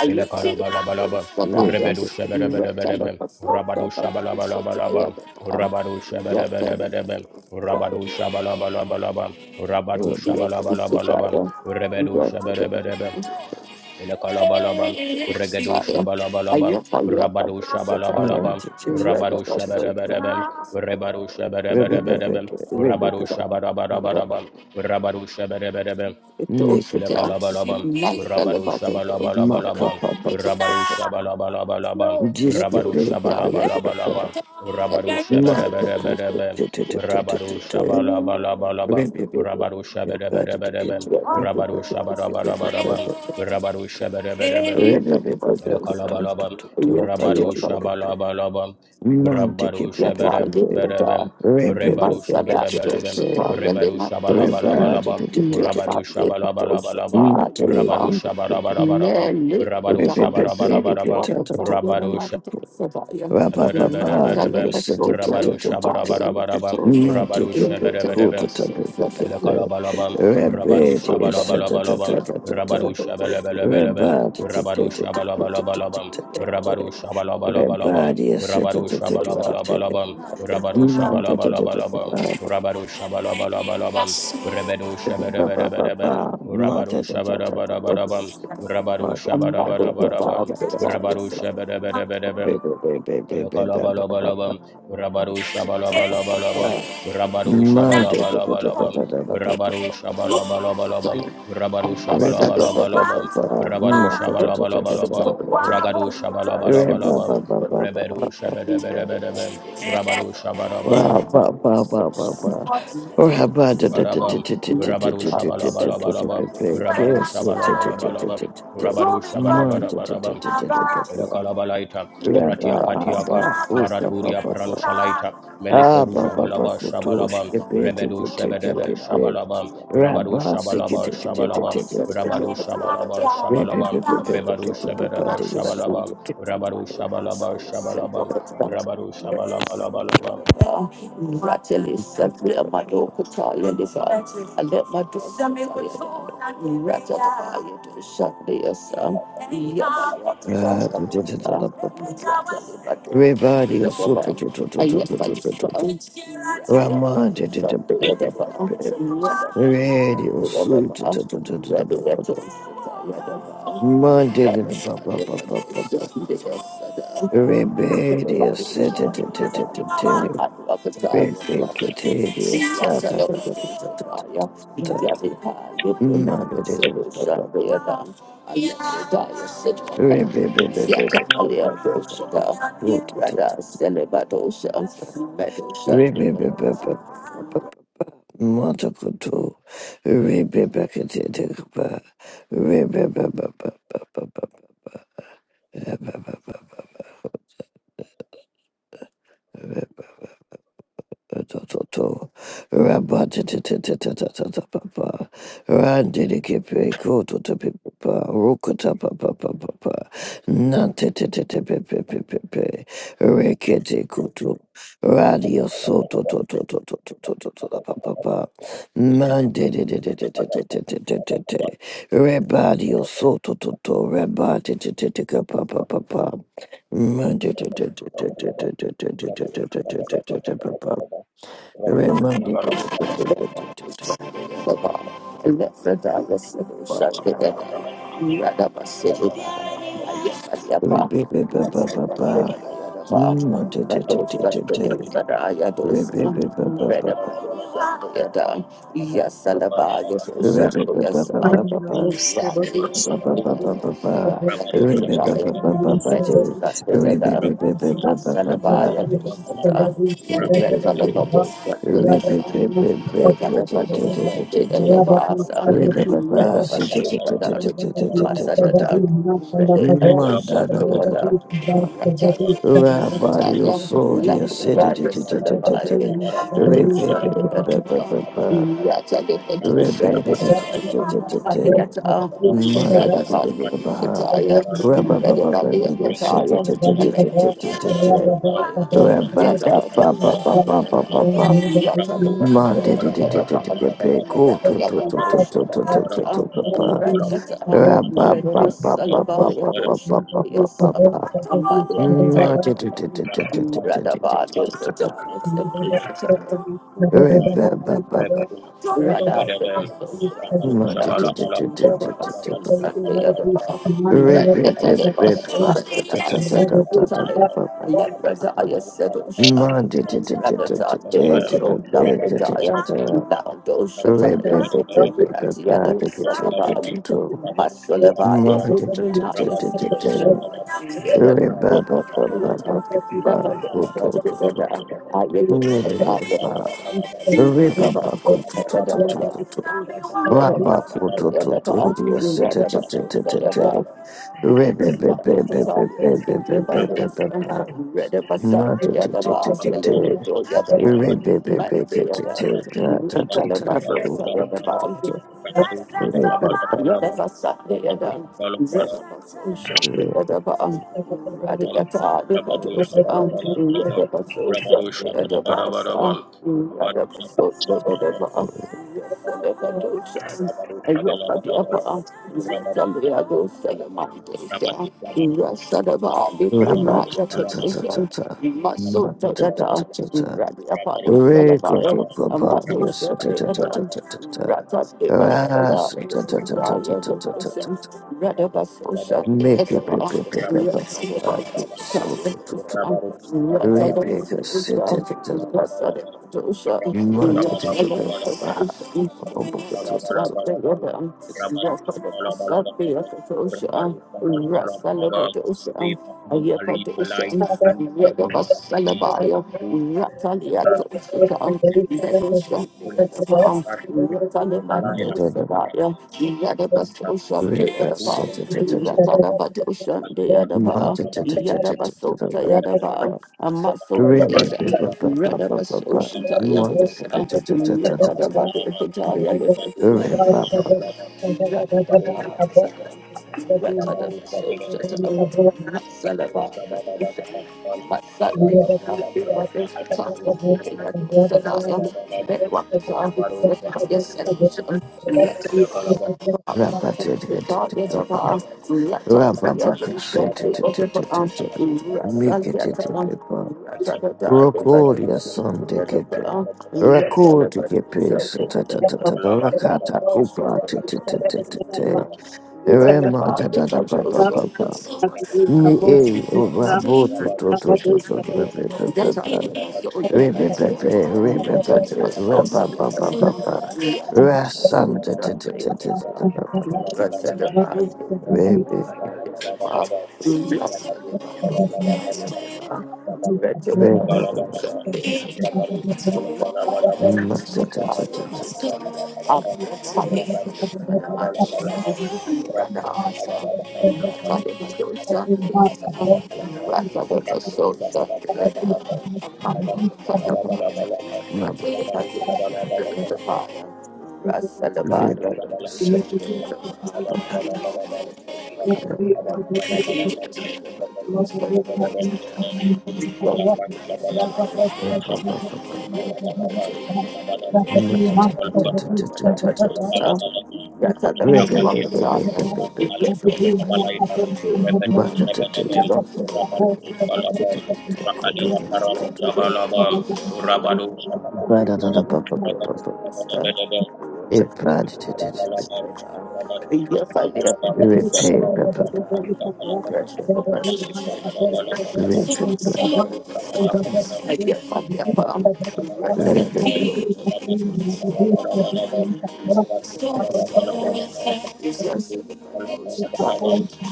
[SPEAKER 1] Ilakalabalaba, Rebedu Shabadabadabadabam, Rabadu Shabalabalabalabam, Rabadu Shabadabadabadabam, Rabadu Shabalabalabalabam, Rabadu
[SPEAKER 2] Thank
[SPEAKER 1] Shabalabalabalabam, Rebedu Shabadabadabam, Ilakalabalabam, Regedu Shabalabalabam, Rabadu Shabalabalabam, Rabadu Shabadabadabam, Rebadu
[SPEAKER 3] Monte
[SPEAKER 1] Shabadabadabadabam, Rabadu Shabadabadabadabam, Rabadu Shabadabadabam, Elekalabalabam, Rabado Shabalabalabalabam, Rabado Shabalabalabalabam, Rabado Shabalabalabalabam, Rabado Shabadabadabadabam, Rabado Shabalabalabalabam, Rabado Shabadabadabadabam, Rabado Shabadabadabadabam,
[SPEAKER 2] you.
[SPEAKER 1] Rabado Shabadabadabam,
[SPEAKER 2] Yet of the persons,
[SPEAKER 1] Elokalabalabam,
[SPEAKER 2] yet I
[SPEAKER 1] Rabado
[SPEAKER 2] love,
[SPEAKER 1] Shabalabalabam, Rabado
[SPEAKER 2] yet I the
[SPEAKER 1] Shabarabarabam,
[SPEAKER 2] Yata Basosa, Yata Yapa, Yata Liprata,
[SPEAKER 1] Rebado
[SPEAKER 2] Masalato
[SPEAKER 1] Shabalabalabam, Rebado
[SPEAKER 2] Shataya
[SPEAKER 1] Shabalabalabalabam,
[SPEAKER 2] i
[SPEAKER 1] Rabado
[SPEAKER 2] Yata Lipato
[SPEAKER 1] Shabalabalabalabam, Rabado
[SPEAKER 2] Shataya
[SPEAKER 1] Shabarabarabarabam,
[SPEAKER 2] Lele
[SPEAKER 1] Rabado
[SPEAKER 3] Rabba
[SPEAKER 2] rodaya
[SPEAKER 1] Shabarabarabarabam,
[SPEAKER 2] sakatwa pataya na
[SPEAKER 1] Rabado
[SPEAKER 2] manta sadaya. Rata le
[SPEAKER 1] Shabarabarabarabam,
[SPEAKER 2] pasota
[SPEAKER 1] Rabado
[SPEAKER 2] ya tabasa le
[SPEAKER 1] Shabarabarabarabam,
[SPEAKER 2] petoya.
[SPEAKER 1] Rabado
[SPEAKER 2] Limita de
[SPEAKER 1] Shabarabarabarabam,
[SPEAKER 2] paso sadam.
[SPEAKER 1] Elekalabalabam,
[SPEAKER 2] Rata le
[SPEAKER 1] Rabaru
[SPEAKER 2] paso da
[SPEAKER 1] Shabalabalabalabam,
[SPEAKER 2] patisya paso
[SPEAKER 1] Rabaru
[SPEAKER 2] patisya.
[SPEAKER 1] Shabalabalabalabam, Rabaru Shabalabalabalabam, Rabaru Shabalabalabalabam, Rabaru
[SPEAKER 2] Sata.
[SPEAKER 1] Shabalabalabalabam, Rabaru
[SPEAKER 2] Rata
[SPEAKER 1] Shabalabalabalabam, Rabaru
[SPEAKER 2] le
[SPEAKER 1] Shabalabalabalabam,
[SPEAKER 2] paso
[SPEAKER 1] Rebedu
[SPEAKER 2] da paso.
[SPEAKER 1] Shabarabarabam, Rabaru Shabarabarabam, Rabaru
[SPEAKER 2] I'm not looking for
[SPEAKER 1] Shabarabarabam, Rabaru
[SPEAKER 2] a
[SPEAKER 1] Shabarabarabam,
[SPEAKER 3] Rabba,
[SPEAKER 1] Olokolobolobolobo, Rabaru Shabalobolobolobum, Rabaru Shabalobolobolobum, Rabaru Shabalobolobolobo, Rabaru Shabalobolobolobo, Rabaru Shabalobolobolobum, Ragadu Shabalobolobolobum, Rebedu Shabedebedebedebem, Rabaru Shabalobolobolobo, Rabaru Shabalobolobolobum, Rabaru Shabalobolobolobum, Rabaru Shabalobolobolobum,
[SPEAKER 2] Wow.
[SPEAKER 1] Elekalabalaita,
[SPEAKER 2] Look at
[SPEAKER 1] Ratia katiaka.
[SPEAKER 2] that.
[SPEAKER 1] Maraturia Pranushalaita,
[SPEAKER 3] Ah,
[SPEAKER 1] Meleferuja
[SPEAKER 3] Baba
[SPEAKER 1] Balaba,
[SPEAKER 3] Bakutosh,
[SPEAKER 1] Shabalaba,
[SPEAKER 3] a bit of
[SPEAKER 1] Rebedo
[SPEAKER 3] a tick
[SPEAKER 2] I
[SPEAKER 3] up
[SPEAKER 1] Shebedebe,
[SPEAKER 3] a bit.
[SPEAKER 1] Shabalaba, Rabado
[SPEAKER 3] Rabba, sick it,
[SPEAKER 1] Shabalaba,
[SPEAKER 3] it, it, it, it,
[SPEAKER 1] Shabalaba,
[SPEAKER 3] it, it, it, it,
[SPEAKER 1] Rabado
[SPEAKER 3] it, it.
[SPEAKER 1] Shabalaba,
[SPEAKER 3] Rip, rip,
[SPEAKER 1] Shabalaba,
[SPEAKER 3] rip,
[SPEAKER 1] Rebado Shebedebe,
[SPEAKER 3] it,
[SPEAKER 1] Shabalaba, Rabado Shabalaba, Shabalaba, Rabado Shabalaba, Laba, Laba,
[SPEAKER 2] let
[SPEAKER 3] Ah, ah, it,
[SPEAKER 2] my do I yet fight for us.
[SPEAKER 3] it, ah, it,
[SPEAKER 2] Thank Yet,
[SPEAKER 3] Rabba-ta-ta-ta-ta-ta-ta-ta-pa-pa. Randidi-ki-pi-ku-tu-tu-pi-pa-pa. Ruku-ta-pa-pa-pa-pa-pa. Nante-te-te-te-pe-pe-pe-pe-pe. Rekete-kutu. Radio-so-tu-tu-tu-tu-tu-tu-tu-tu-tu-tu-pa-pa-pa. Mandidi-di-di-di-di-di-di-di-di-di-di. Rebadio-so-tu-tu-tu. Reba-ti-ti-ti-ti-ka-pa-pa-pa-pa. Mandidi-di-di-di-di-di-di-di-di-di-di-di-di-di-di-pa-pa.
[SPEAKER 1] Shabalaba, Rabado
[SPEAKER 3] Remember,
[SPEAKER 2] Yes,
[SPEAKER 1] Shabalaba, Laba, Laba, Shabalaba, Laba, Laba, Shabalaba, Laba, Laba, Rabba
[SPEAKER 4] Thank
[SPEAKER 2] Rather,
[SPEAKER 3] Manda da da da da da. da. Rabari osoria sede de de de de de de. Rebe de de de de
[SPEAKER 4] you.
[SPEAKER 3] de de. Rebe
[SPEAKER 4] Thank
[SPEAKER 3] de de de de de de de.
[SPEAKER 1] नमः बाला बाला
[SPEAKER 3] Manda
[SPEAKER 1] इच्छा
[SPEAKER 3] de de de de de de.
[SPEAKER 1] वचन परालु
[SPEAKER 3] Rabba ba ba ba de de
[SPEAKER 1] प्रणेता
[SPEAKER 3] sede
[SPEAKER 1] दोष
[SPEAKER 3] de
[SPEAKER 1] नमः
[SPEAKER 3] de
[SPEAKER 1] बाला
[SPEAKER 3] de de
[SPEAKER 1] बाला
[SPEAKER 3] de de
[SPEAKER 1] इच्छा
[SPEAKER 3] de
[SPEAKER 1] बाला बाला
[SPEAKER 3] de.
[SPEAKER 1] बाल नमः
[SPEAKER 3] Rabba
[SPEAKER 1] रूपा
[SPEAKER 3] ba
[SPEAKER 1] बाला
[SPEAKER 3] ba ba
[SPEAKER 1] बाला
[SPEAKER 3] ba
[SPEAKER 1] बाल
[SPEAKER 3] ba ba
[SPEAKER 1] नमः बाला
[SPEAKER 3] ba ba.
[SPEAKER 1] बाला
[SPEAKER 3] Manda de
[SPEAKER 1] बाल
[SPEAKER 3] de de de de de
[SPEAKER 1] बाला बाला
[SPEAKER 3] de.
[SPEAKER 1] बाल
[SPEAKER 3] Go to to to
[SPEAKER 1] नमः
[SPEAKER 3] to
[SPEAKER 1] रूपा बाला बाला बाल बाला बाला
[SPEAKER 3] to
[SPEAKER 1] बाल
[SPEAKER 3] to to
[SPEAKER 1] नमः
[SPEAKER 3] to to
[SPEAKER 1] Rupa
[SPEAKER 3] to
[SPEAKER 1] Bala
[SPEAKER 3] to.
[SPEAKER 1] बाला बाल
[SPEAKER 3] Rabba
[SPEAKER 1] नमः
[SPEAKER 3] ba
[SPEAKER 1] रूपा
[SPEAKER 3] ba ba ba ba
[SPEAKER 1] नमः
[SPEAKER 3] ba ba ba ba ba ba. Remember,
[SPEAKER 1] बाला इच्छा
[SPEAKER 4] you.
[SPEAKER 1] वचन परालु
[SPEAKER 4] Thank
[SPEAKER 1] प्रणेता
[SPEAKER 2] Radaba,
[SPEAKER 1] Bushabal, Rebadu,
[SPEAKER 2] Radha
[SPEAKER 1] Bedadel,
[SPEAKER 2] Devasosa,
[SPEAKER 1] Rabadu,
[SPEAKER 2] Radha
[SPEAKER 1] Shabalabalaba, Rabadu,
[SPEAKER 2] Devasosa, Devasosa,
[SPEAKER 1] Shabalabalaba,
[SPEAKER 2] Radha
[SPEAKER 1] Rabadu, Shabalabalaba,
[SPEAKER 2] Devasosa,
[SPEAKER 1] Bedadu, Shabalabalaba,
[SPEAKER 2] Devasosa,
[SPEAKER 1] Rabadu,
[SPEAKER 2] Alepradaya
[SPEAKER 1] Shabalabalaba,
[SPEAKER 2] Sedosha,
[SPEAKER 1] Rabadu,
[SPEAKER 2] Radha
[SPEAKER 1] Shabalabalaba, Rabadu, Shabalabalaba,
[SPEAKER 2] Devasosa,
[SPEAKER 1] Rabadu,
[SPEAKER 2] Radaya,
[SPEAKER 1] Shabalabalaba, Shabalabalaba,
[SPEAKER 2] Landoshataya, Radha Devasosa,
[SPEAKER 1] Rabadu,
[SPEAKER 2] Masulabaya,
[SPEAKER 1] Shabalabalaba,
[SPEAKER 2] Ukrinaya
[SPEAKER 1] Rabadu, Shabalabalaba,
[SPEAKER 2] Sedosha, Radha
[SPEAKER 1] Rabadu,
[SPEAKER 2] Devasosa,
[SPEAKER 1] Shabalabalaba,
[SPEAKER 2] Radha Devasosa, I read the I
[SPEAKER 4] you. Thank
[SPEAKER 2] Thank
[SPEAKER 3] Rabba
[SPEAKER 2] you. read about so read about. You read about sun. You read about. You read about so read about. Mother of the Talia, the Bados, and
[SPEAKER 1] Rabar
[SPEAKER 2] Red of Basan, the Adaba, celebrity or Yadaba, Mandriaba, Ratalabaso, Sarababa. Yadaba sat the Adam, Red of Basan, the Adaba, Radiata, the
[SPEAKER 1] Rabarush
[SPEAKER 2] Bados,
[SPEAKER 1] Nabalabala
[SPEAKER 2] Red
[SPEAKER 1] Jabal,
[SPEAKER 2] of Basan,
[SPEAKER 1] Rabarush
[SPEAKER 2] the Adabas,
[SPEAKER 1] Nabatabarabal, Rabarush Nabalabalabal,
[SPEAKER 2] Radabaso, the
[SPEAKER 1] Rabarush
[SPEAKER 2] Rather,
[SPEAKER 1] Nabalabalabal, Rabarush
[SPEAKER 2] Yes,
[SPEAKER 1] Nabalabalabal, Rabarush Nabalabalabal, Rabarush Nabalabalabal, Rabarush Nabalabalabal, Rabarush Nabalabalabal,
[SPEAKER 3] Make it so to
[SPEAKER 1] Rabarush
[SPEAKER 3] to to
[SPEAKER 1] Nabalabalabal, Rabarush Nabalabalabal, Rabarush Nabalabalabal, Sabala
[SPEAKER 4] you.
[SPEAKER 2] Yada basso, yada
[SPEAKER 4] Thank
[SPEAKER 2] ba, a muscle,
[SPEAKER 3] replica
[SPEAKER 2] Radaba Soshitaya
[SPEAKER 3] wanted
[SPEAKER 2] Dosa,
[SPEAKER 3] to
[SPEAKER 2] Ratadaba Ekataya Levadosha,
[SPEAKER 3] Rakodia
[SPEAKER 2] Yes,
[SPEAKER 1] Rabba
[SPEAKER 3] son de kepe.
[SPEAKER 4] you.
[SPEAKER 3] Rakodi kepe
[SPEAKER 4] Thank
[SPEAKER 3] satatatata rakata kupa
[SPEAKER 2] Right
[SPEAKER 3] tititititite. Rema da
[SPEAKER 2] about
[SPEAKER 3] da da ba ba ba ba. Ni e rabo to
[SPEAKER 2] the
[SPEAKER 3] to to to to rebe
[SPEAKER 2] Rather
[SPEAKER 3] be be be. Rebe be be rebe be be. Raba ba ba ba ba. Rasanda tititititita ba ba. Repeat,
[SPEAKER 4] you.
[SPEAKER 1] Sabala
[SPEAKER 4] Thank
[SPEAKER 2] awesome. Rattle the Medusa, rattle
[SPEAKER 4] you.
[SPEAKER 1] Zabalabalaba,
[SPEAKER 2] the
[SPEAKER 4] Thank
[SPEAKER 1] Atiakatia,
[SPEAKER 2] Medusa, Thank
[SPEAKER 1] Alifalu, Abalaitan, Rebedus, Rebedebel, Rabadus, Balabam, Rakadia, Paralos, Abalabam, Rabadus, Abalabalabam, Rebedus, Rebedebel, Rabalabalabam, Rabadus, Abalabalabam, Rabadus, Abalabalabam, Rabadus, Abalabalabam, Rabadus, Abalabalabam, Rabadus, Abalabalabam, Rabadus,
[SPEAKER 2] you.
[SPEAKER 1] Abalabalabam, Rabadus, Abalabalabam,
[SPEAKER 2] Rest
[SPEAKER 1] Rabadu
[SPEAKER 4] you.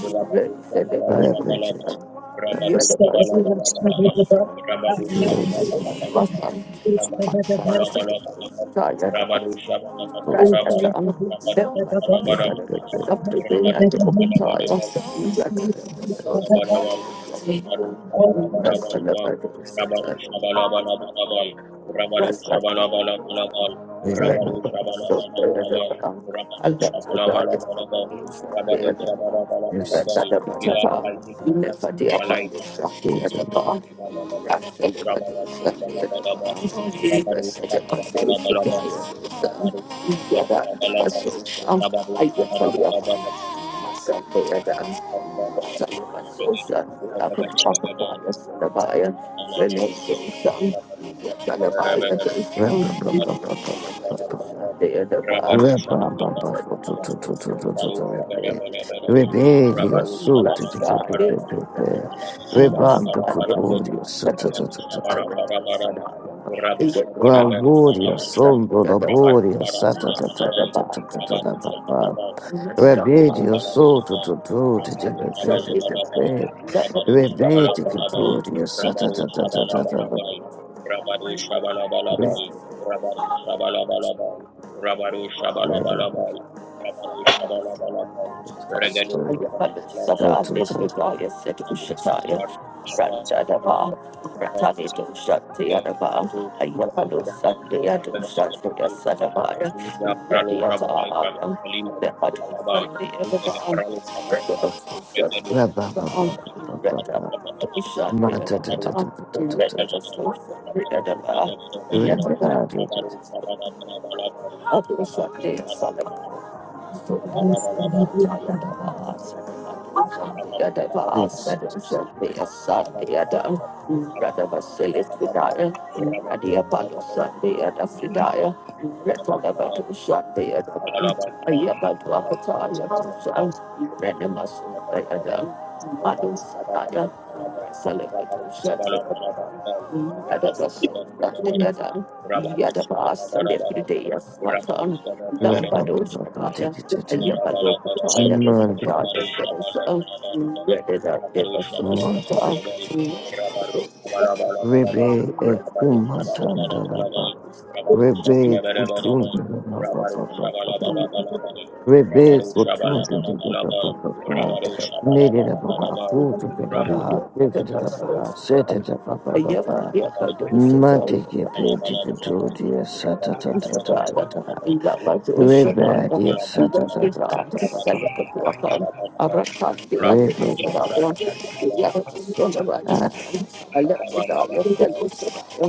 [SPEAKER 1] Rabaru Shabalabalabalabal, Rabaru Shabalabalabalabal, Rabaru
[SPEAKER 2] of the
[SPEAKER 1] Shabalabalabalabal,
[SPEAKER 2] I'm
[SPEAKER 1] Rabaru
[SPEAKER 3] Rebedio
[SPEAKER 1] Shabalabalabalabal, Rabaru Shabalabalabalabal, Rabaru Shabalabalabalabal, Ila Kalina Shabalaita Labalaba,
[SPEAKER 5] Thank
[SPEAKER 1] Shabalabalabalabal, Rabaru Shabalabalabalabal, Rabaru Shabalabalabalabal, Rabaru Shabalabalabalabal, Rabaru
[SPEAKER 2] Thank
[SPEAKER 1] Shabalabalabalabal,
[SPEAKER 2] you.
[SPEAKER 1] Rabba
[SPEAKER 2] Let's celebrate.
[SPEAKER 3] so to to to to to pepe pepe. Rebedio so to to to
[SPEAKER 1] Elabalabalabam,
[SPEAKER 3] to
[SPEAKER 1] Rabaru Shabalabalabam,
[SPEAKER 2] Let
[SPEAKER 1] Rabaru
[SPEAKER 3] to
[SPEAKER 2] the
[SPEAKER 1] Shabalabalabam, Rabaru Shabalabalabam, Rabaru
[SPEAKER 3] to
[SPEAKER 2] Thank
[SPEAKER 1] Shabalabalabam, Rabaru Shabalabalabam, Rabaru Shabalabalabam, Rabaru
[SPEAKER 2] you.
[SPEAKER 1] Shabalabalabam, Regadu
[SPEAKER 2] Yet,
[SPEAKER 1] Shabalabalabam, Rabaru Shabalabalabam, Regadu Shabalabalabam, Rakuda Pralo Shabalabalabam, Alima Shabalabalabam, Regadu Pralo Shabalabalabam,
[SPEAKER 2] I do something, Solomon. Yada basa lifted
[SPEAKER 1] Thank you. रबरुसा
[SPEAKER 4] Thank
[SPEAKER 2] the day as what on
[SPEAKER 1] रबरुसा
[SPEAKER 2] that badosh a Ayapalokataya Lefrataya Sedasa, Redida Deva Soshita,
[SPEAKER 3] Rebe ekumatandalaba. Rebe
[SPEAKER 2] Yep,
[SPEAKER 3] kutundalaba.
[SPEAKER 2] yep, I
[SPEAKER 3] Rebels were pruned and the
[SPEAKER 2] do
[SPEAKER 3] Papa,
[SPEAKER 2] sit
[SPEAKER 3] made it a Baha, food to the Baha, take it to the Baha,
[SPEAKER 1] Rabba
[SPEAKER 3] set
[SPEAKER 2] down.
[SPEAKER 3] it up, Papa,
[SPEAKER 2] I yep, I
[SPEAKER 3] Papa,
[SPEAKER 2] yep, I do sit
[SPEAKER 5] you.
[SPEAKER 2] down. I
[SPEAKER 3] Mantiki, pay ticket to dear
[SPEAKER 5] The eight
[SPEAKER 3] Satata, Tata,
[SPEAKER 2] love I do
[SPEAKER 5] hundred
[SPEAKER 2] sit
[SPEAKER 5] and
[SPEAKER 3] Rebel,
[SPEAKER 2] down.
[SPEAKER 3] dear Satata,
[SPEAKER 5] eighty-fourth day of
[SPEAKER 3] Tata,
[SPEAKER 2] Yasida
[SPEAKER 5] the
[SPEAKER 3] Papa,
[SPEAKER 5] year (not
[SPEAKER 2] Salakapuraka,
[SPEAKER 5] a
[SPEAKER 2] Arapati
[SPEAKER 1] Rabba
[SPEAKER 5] leap year).
[SPEAKER 3] Rebel,
[SPEAKER 5] Only
[SPEAKER 2] Adisadaya,
[SPEAKER 5] 2%
[SPEAKER 2] Yadasolava
[SPEAKER 3] Ah,
[SPEAKER 2] Yatan, Alexida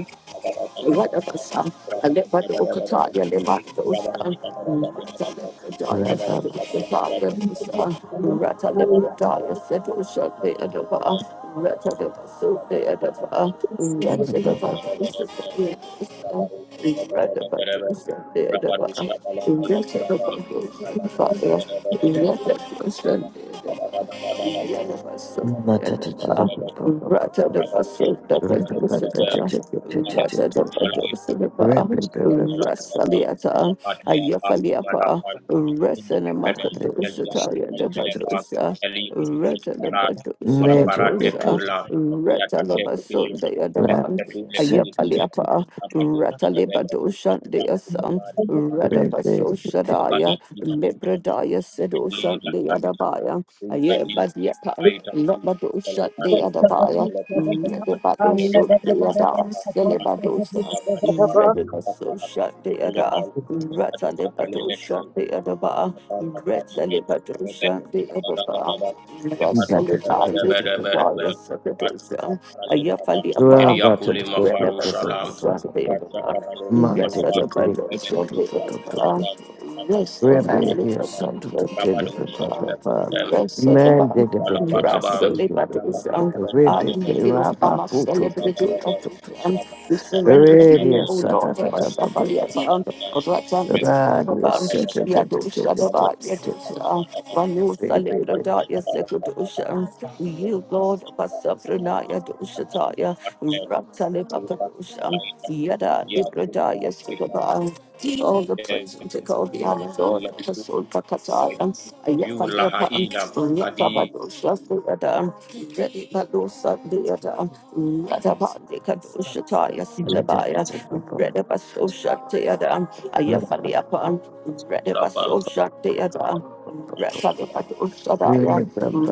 [SPEAKER 2] Radabasa, Alebadokataya, Lemandosa, Ratalepradaya,
[SPEAKER 3] Rebel,
[SPEAKER 2] Sedoshataya, Dosa, Ratalepradaya, Sedosha,
[SPEAKER 1] Rabarus, ada ada
[SPEAKER 2] Beadava, Ratalepaso, Beadava,
[SPEAKER 3] Rebel,
[SPEAKER 2] Ratadavadosa, Beadava,
[SPEAKER 1] ada
[SPEAKER 2] Radabadosa, Beadava, Ratadavadosa, Beadava, Ratadabadosa, Beadava, Yadavaso,
[SPEAKER 3] Matata,
[SPEAKER 2] Beadava,
[SPEAKER 3] Papa, Papa,
[SPEAKER 2] Ratadavaso,
[SPEAKER 3] Rebel, Rebel,
[SPEAKER 1] ada,
[SPEAKER 2] Dakadosata,
[SPEAKER 1] ada
[SPEAKER 2] Raja
[SPEAKER 1] ada
[SPEAKER 2] Dapadosinapa,
[SPEAKER 3] Rebel, Rebel,
[SPEAKER 2] Rasaliata, Ayafaliapa, Resanamakadoshitaya Dabadosa,
[SPEAKER 3] Rebel, Rebel,
[SPEAKER 2] Retanabadoshitadosa,
[SPEAKER 3] Rebel, Radio
[SPEAKER 2] Retanabasundaya Dapan, Ayafaliapa, Ratalibadoshandaya Sang, Ratabasoshadaya, Libradaya Sedoshandaya Dabaya, Ayabadiapa,
[SPEAKER 4] you. And this
[SPEAKER 2] Labadoshandaya
[SPEAKER 4] is my
[SPEAKER 2] Rebadoso Deada, Celebadosa, Rebadoso Shut Deada,
[SPEAKER 1] Thank
[SPEAKER 2] Ratalebadosa
[SPEAKER 1] you.
[SPEAKER 2] Deadaba, Retalebadosa Deadaba, Rasalida, Lidia, Sakadosa, Ayafaliapa,
[SPEAKER 1] Kiriakuli
[SPEAKER 2] Red
[SPEAKER 1] Mafaru
[SPEAKER 2] of a soul,
[SPEAKER 1] Shalam,
[SPEAKER 2] the
[SPEAKER 1] Rusha Paralo
[SPEAKER 2] Yes, that's
[SPEAKER 1] Alaban,
[SPEAKER 2] a bundle, so the other.
[SPEAKER 1] Alaban, Rabadu
[SPEAKER 2] Yes, of that
[SPEAKER 1] Shabalaban,
[SPEAKER 2] little. social
[SPEAKER 1] Rabadu
[SPEAKER 2] theater.
[SPEAKER 1] Shabalaban, Rabalaban,
[SPEAKER 2] Yes, of the
[SPEAKER 1] Rabadu Shabalaban,
[SPEAKER 2] bar.
[SPEAKER 1] Rabalaban,
[SPEAKER 2] Russell, the battles on our youth, our most celebrity of them.
[SPEAKER 1] Rabadu
[SPEAKER 2] We surrender to
[SPEAKER 1] Shabalaban,
[SPEAKER 2] you, O Lord, of us,
[SPEAKER 1] Rabadu
[SPEAKER 2] of our life, um, of our time,
[SPEAKER 1] Shabalaban,
[SPEAKER 2] this is the bar. Yadusha, Baba, Yadusha, Ranu,
[SPEAKER 3] Pray, pray,
[SPEAKER 2] Salibra,
[SPEAKER 3] pray.
[SPEAKER 2] Daya, Sekudusha. We yield, Lord, of us, of Renaya, Dusha, Rata Lepapadosha, Yada Librada Yasudaba. Take all the praise and take all the honor, Lord, of the soul Pakataya, Ayapaniapan, Yatabadosha, Yada, Dedi Padosa, Yada, Yatabadikadosha, Taya
[SPEAKER 3] In the gentle
[SPEAKER 2] Salabaya, Redabasosha, Yada, Ayafaniapan, Redabasosha, Yada. Ready by the Usadaya,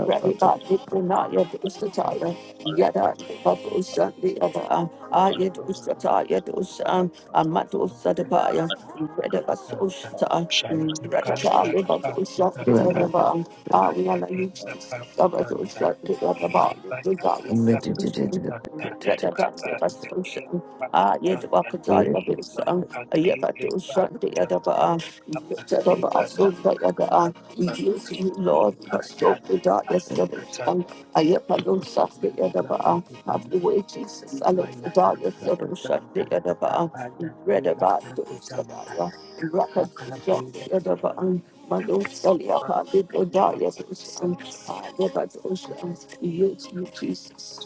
[SPEAKER 2] ready by the Punaya, the Yada Babu Shanti Ava
[SPEAKER 5] of the year
[SPEAKER 2] Ayadu
[SPEAKER 5] is left.
[SPEAKER 2] Sata Yadu
[SPEAKER 5] I
[SPEAKER 2] Amatu
[SPEAKER 5] am the
[SPEAKER 2] Sadabaya Redaba Soshata Radata Babu Shanti Ava Ariana Yuchis Sabatu Shanti Ava Desire Solution Redata Deva Soshata Ayadu Akata Ayabatu Shanti Ava Redaba Soshata Yada We use you, Lord, for so without your solution. Ayapalo shut the other bar. Have your way,
[SPEAKER 5] one
[SPEAKER 2] Jesus. I
[SPEAKER 5] who
[SPEAKER 2] let
[SPEAKER 5] has
[SPEAKER 2] the darkness settle
[SPEAKER 5] been born.
[SPEAKER 2] the other
[SPEAKER 5] Jesus
[SPEAKER 2] bar. Red about those that are rapid shut the other bar. Mando Sally upon the darkness is on. I never do You, you, Jesus.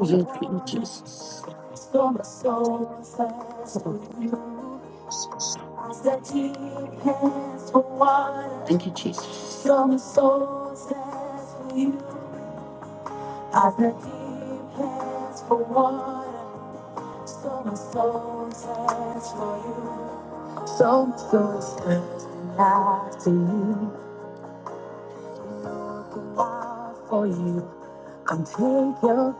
[SPEAKER 2] You, you, Jesus. So my soul thirsts for you. Thank you, Jesus. From the soul's thirst for you, as the deep pants for water, so my soul thirsts for you. So my soul thirsting after you. Looking out for you, come take your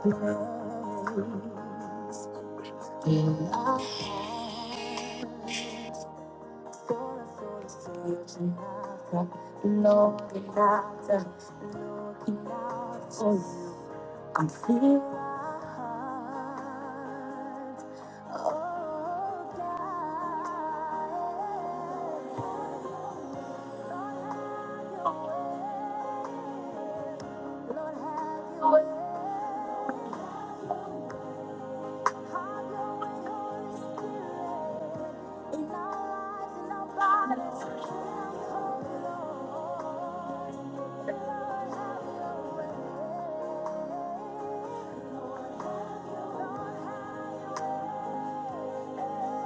[SPEAKER 2] place. Oh, I'm feeling hard. Oh, God. Lord, have your way. Have your way, Holy Spirit, in our lives, in our bodies. Fill us, oh Lord. Lord, have your way. Lord, have your way.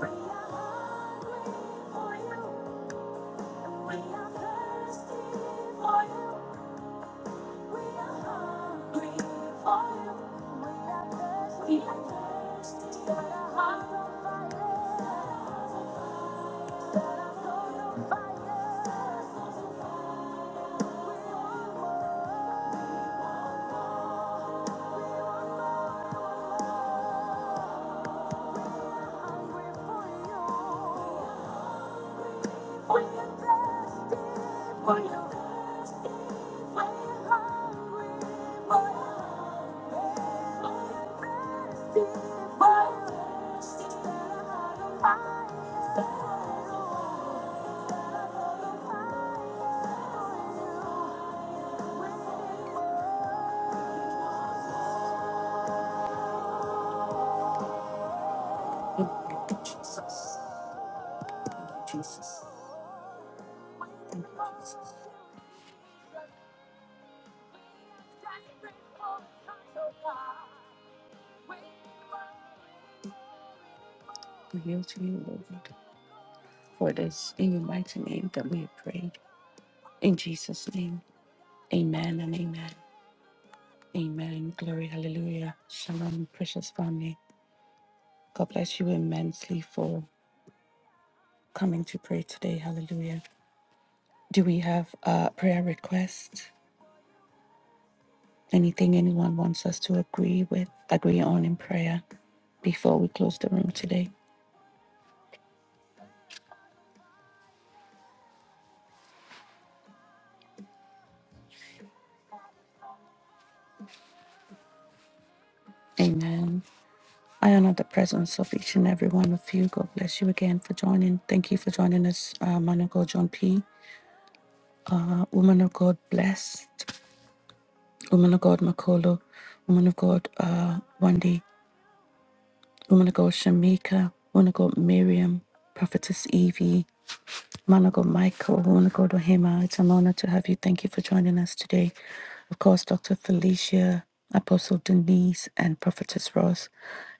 [SPEAKER 2] We are hungry for you. We are thirsty for you. We are hungry for you. We are thirsty. We are thirsty. Set on fire. Set our souls on fire. We want more. We want more. Hungry for you. For that, amen, amen, glory, hallelujah. Shalom, precious family. God bless you immensely for coming to pray today. Hallelujah. Do we have a prayer request? Anything anyone wants us to agree with, agree on in prayer before we close the room today? Amen. I honor the presence of each and every one of you. God bless you again for joining. Thank you for joining us, uh, man of God, John P. Uh, woman of God, blessed. Woman of God, Makolo. Woman of God, uh, Wendy. Woman of God, Shamika. Woman of God, Miriam. Prophetess Evie. Monaco Michael, Monaco Dohema, it's an honor to have you. Thank you for joining us today. Of course, Dr. Felicia, Apostle Denise, and Prophetess Ross,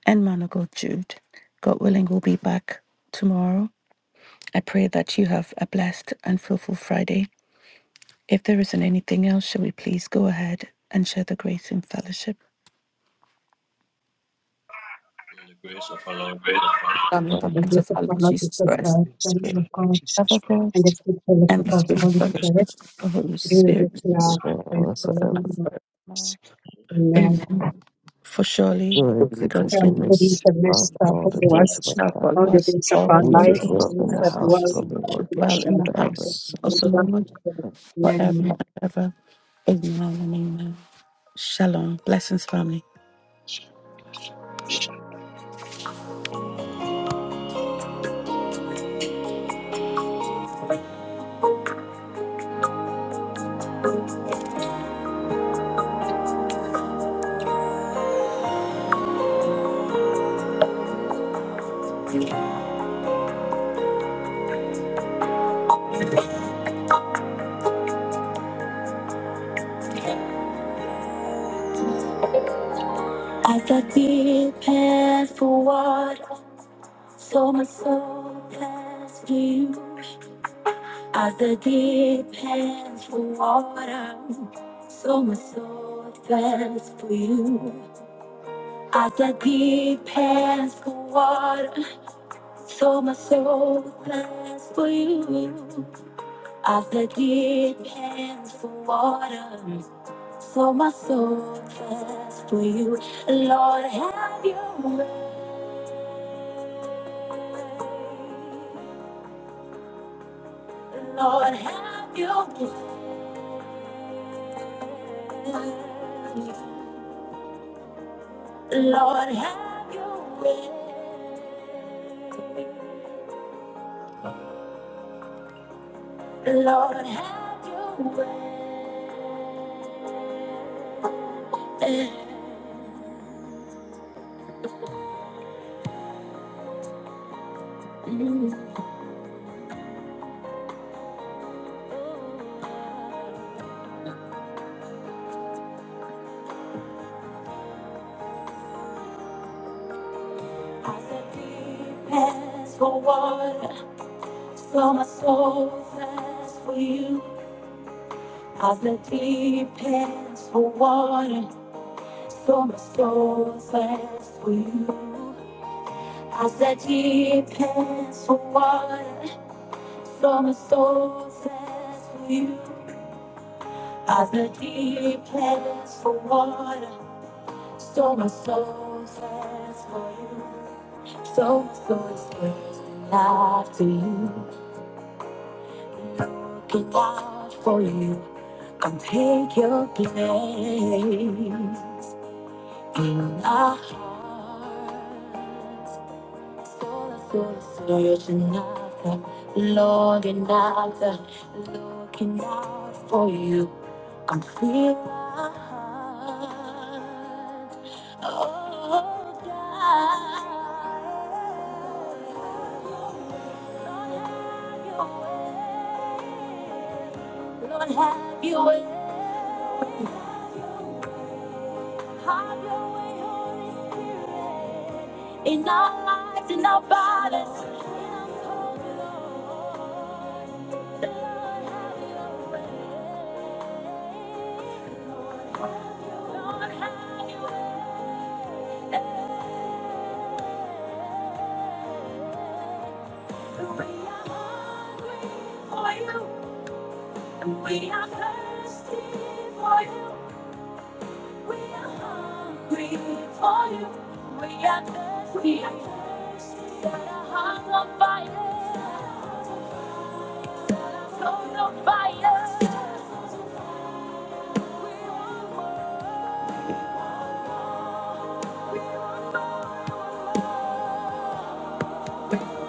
[SPEAKER 2] and Manago Jude. God willing, we'll be back tomorrow. I pray that you have a blessed and fruitful Friday. If there isn't anything else, shall we please go ahead and share the grace in fellowship?
[SPEAKER 1] the grace of our Lord Jesus Christ,
[SPEAKER 2] Come with the grace of our Lord
[SPEAKER 4] Lord
[SPEAKER 2] Jesus
[SPEAKER 4] Jesus
[SPEAKER 2] Christ.
[SPEAKER 4] Christ, the Lamb of God,
[SPEAKER 2] Love of God
[SPEAKER 4] and the
[SPEAKER 5] Christ,
[SPEAKER 4] sweet
[SPEAKER 2] and
[SPEAKER 4] fellowship
[SPEAKER 2] the
[SPEAKER 5] love
[SPEAKER 4] of the
[SPEAKER 2] sweet
[SPEAKER 5] of God, and service, and service,
[SPEAKER 4] Holy
[SPEAKER 2] fellowship
[SPEAKER 4] Spirit,
[SPEAKER 2] of
[SPEAKER 5] and
[SPEAKER 2] the Holy
[SPEAKER 4] be with us
[SPEAKER 2] Spirit.
[SPEAKER 4] now and
[SPEAKER 2] Now and
[SPEAKER 4] forevermore.
[SPEAKER 2] forevermore.
[SPEAKER 4] Amen.
[SPEAKER 2] Amen. For surely
[SPEAKER 3] Glory,
[SPEAKER 2] God's
[SPEAKER 3] goodness, and
[SPEAKER 4] Heavenly
[SPEAKER 3] mercy,
[SPEAKER 4] goodness
[SPEAKER 2] goodness
[SPEAKER 4] and
[SPEAKER 3] Father,
[SPEAKER 4] mercy shall
[SPEAKER 3] all
[SPEAKER 5] the
[SPEAKER 3] the
[SPEAKER 4] follow
[SPEAKER 1] now,
[SPEAKER 3] days
[SPEAKER 4] us
[SPEAKER 3] of our
[SPEAKER 2] shall
[SPEAKER 3] life.
[SPEAKER 4] all
[SPEAKER 2] follow
[SPEAKER 4] the
[SPEAKER 2] us
[SPEAKER 4] days of
[SPEAKER 1] Sure.
[SPEAKER 2] all the
[SPEAKER 4] our
[SPEAKER 3] We should
[SPEAKER 2] days
[SPEAKER 4] lives,
[SPEAKER 2] of our
[SPEAKER 3] dwell
[SPEAKER 4] and we
[SPEAKER 3] in the
[SPEAKER 4] shall
[SPEAKER 2] lives.
[SPEAKER 3] house
[SPEAKER 4] dwell
[SPEAKER 3] of the
[SPEAKER 2] We shall
[SPEAKER 3] Lord
[SPEAKER 4] in
[SPEAKER 2] dwell
[SPEAKER 4] the
[SPEAKER 2] in
[SPEAKER 4] house
[SPEAKER 2] the
[SPEAKER 3] forever.
[SPEAKER 4] of
[SPEAKER 2] house
[SPEAKER 5] and
[SPEAKER 2] of
[SPEAKER 5] service,
[SPEAKER 2] the
[SPEAKER 4] the Lord
[SPEAKER 5] and
[SPEAKER 2] Lord
[SPEAKER 4] forever.
[SPEAKER 2] forever
[SPEAKER 4] Amen.
[SPEAKER 2] and ever. Amen and amen. Shalom. Blessings, family.
[SPEAKER 5] service,
[SPEAKER 2] As I deep pants for water, so my soul thirsts for you. As the deep pants for water, so my soul thirsts for you. As the deep pants for water, So my soul plans for you. As the deep pants for water. So my soul plans for you. Lord, have You way. Lord, have your way. Lord, have your way. Lord, have your way. Mm. As the deep pants for water, so my soul thirsts for you. As the deep pants for water, so my soul thirsts for you. As the deep pants for water, so my soul thirsts for you. As the deep pants for water, so my soul thirsts for you. So my soul is thirsting after you. Looking out for you. Come take your place in our hearts. Sola, sola, sola, io c'è nata, looking out, looking out for you. I'm feeling oh God. Lord, have your way. Lord, have your way. Lord have your way. Have your way, Holy Spirit, in our lives, in our bodies, in our souls, Lord. Lord, have your way. Lord, have your way. We are hungry for you. We are thirsty for you. We are hungry for you. We are thirsty. We are thirsty. Set our hearts on fire. Set our Souls on fire. We want more. We want more. We're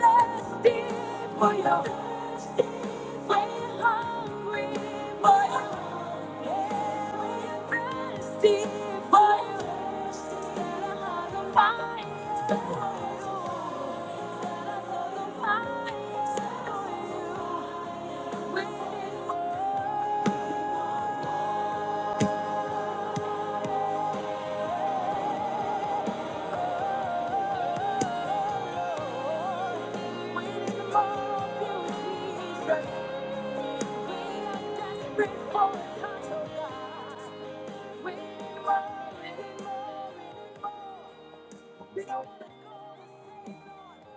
[SPEAKER 2] thirsty for you. We're Thank you.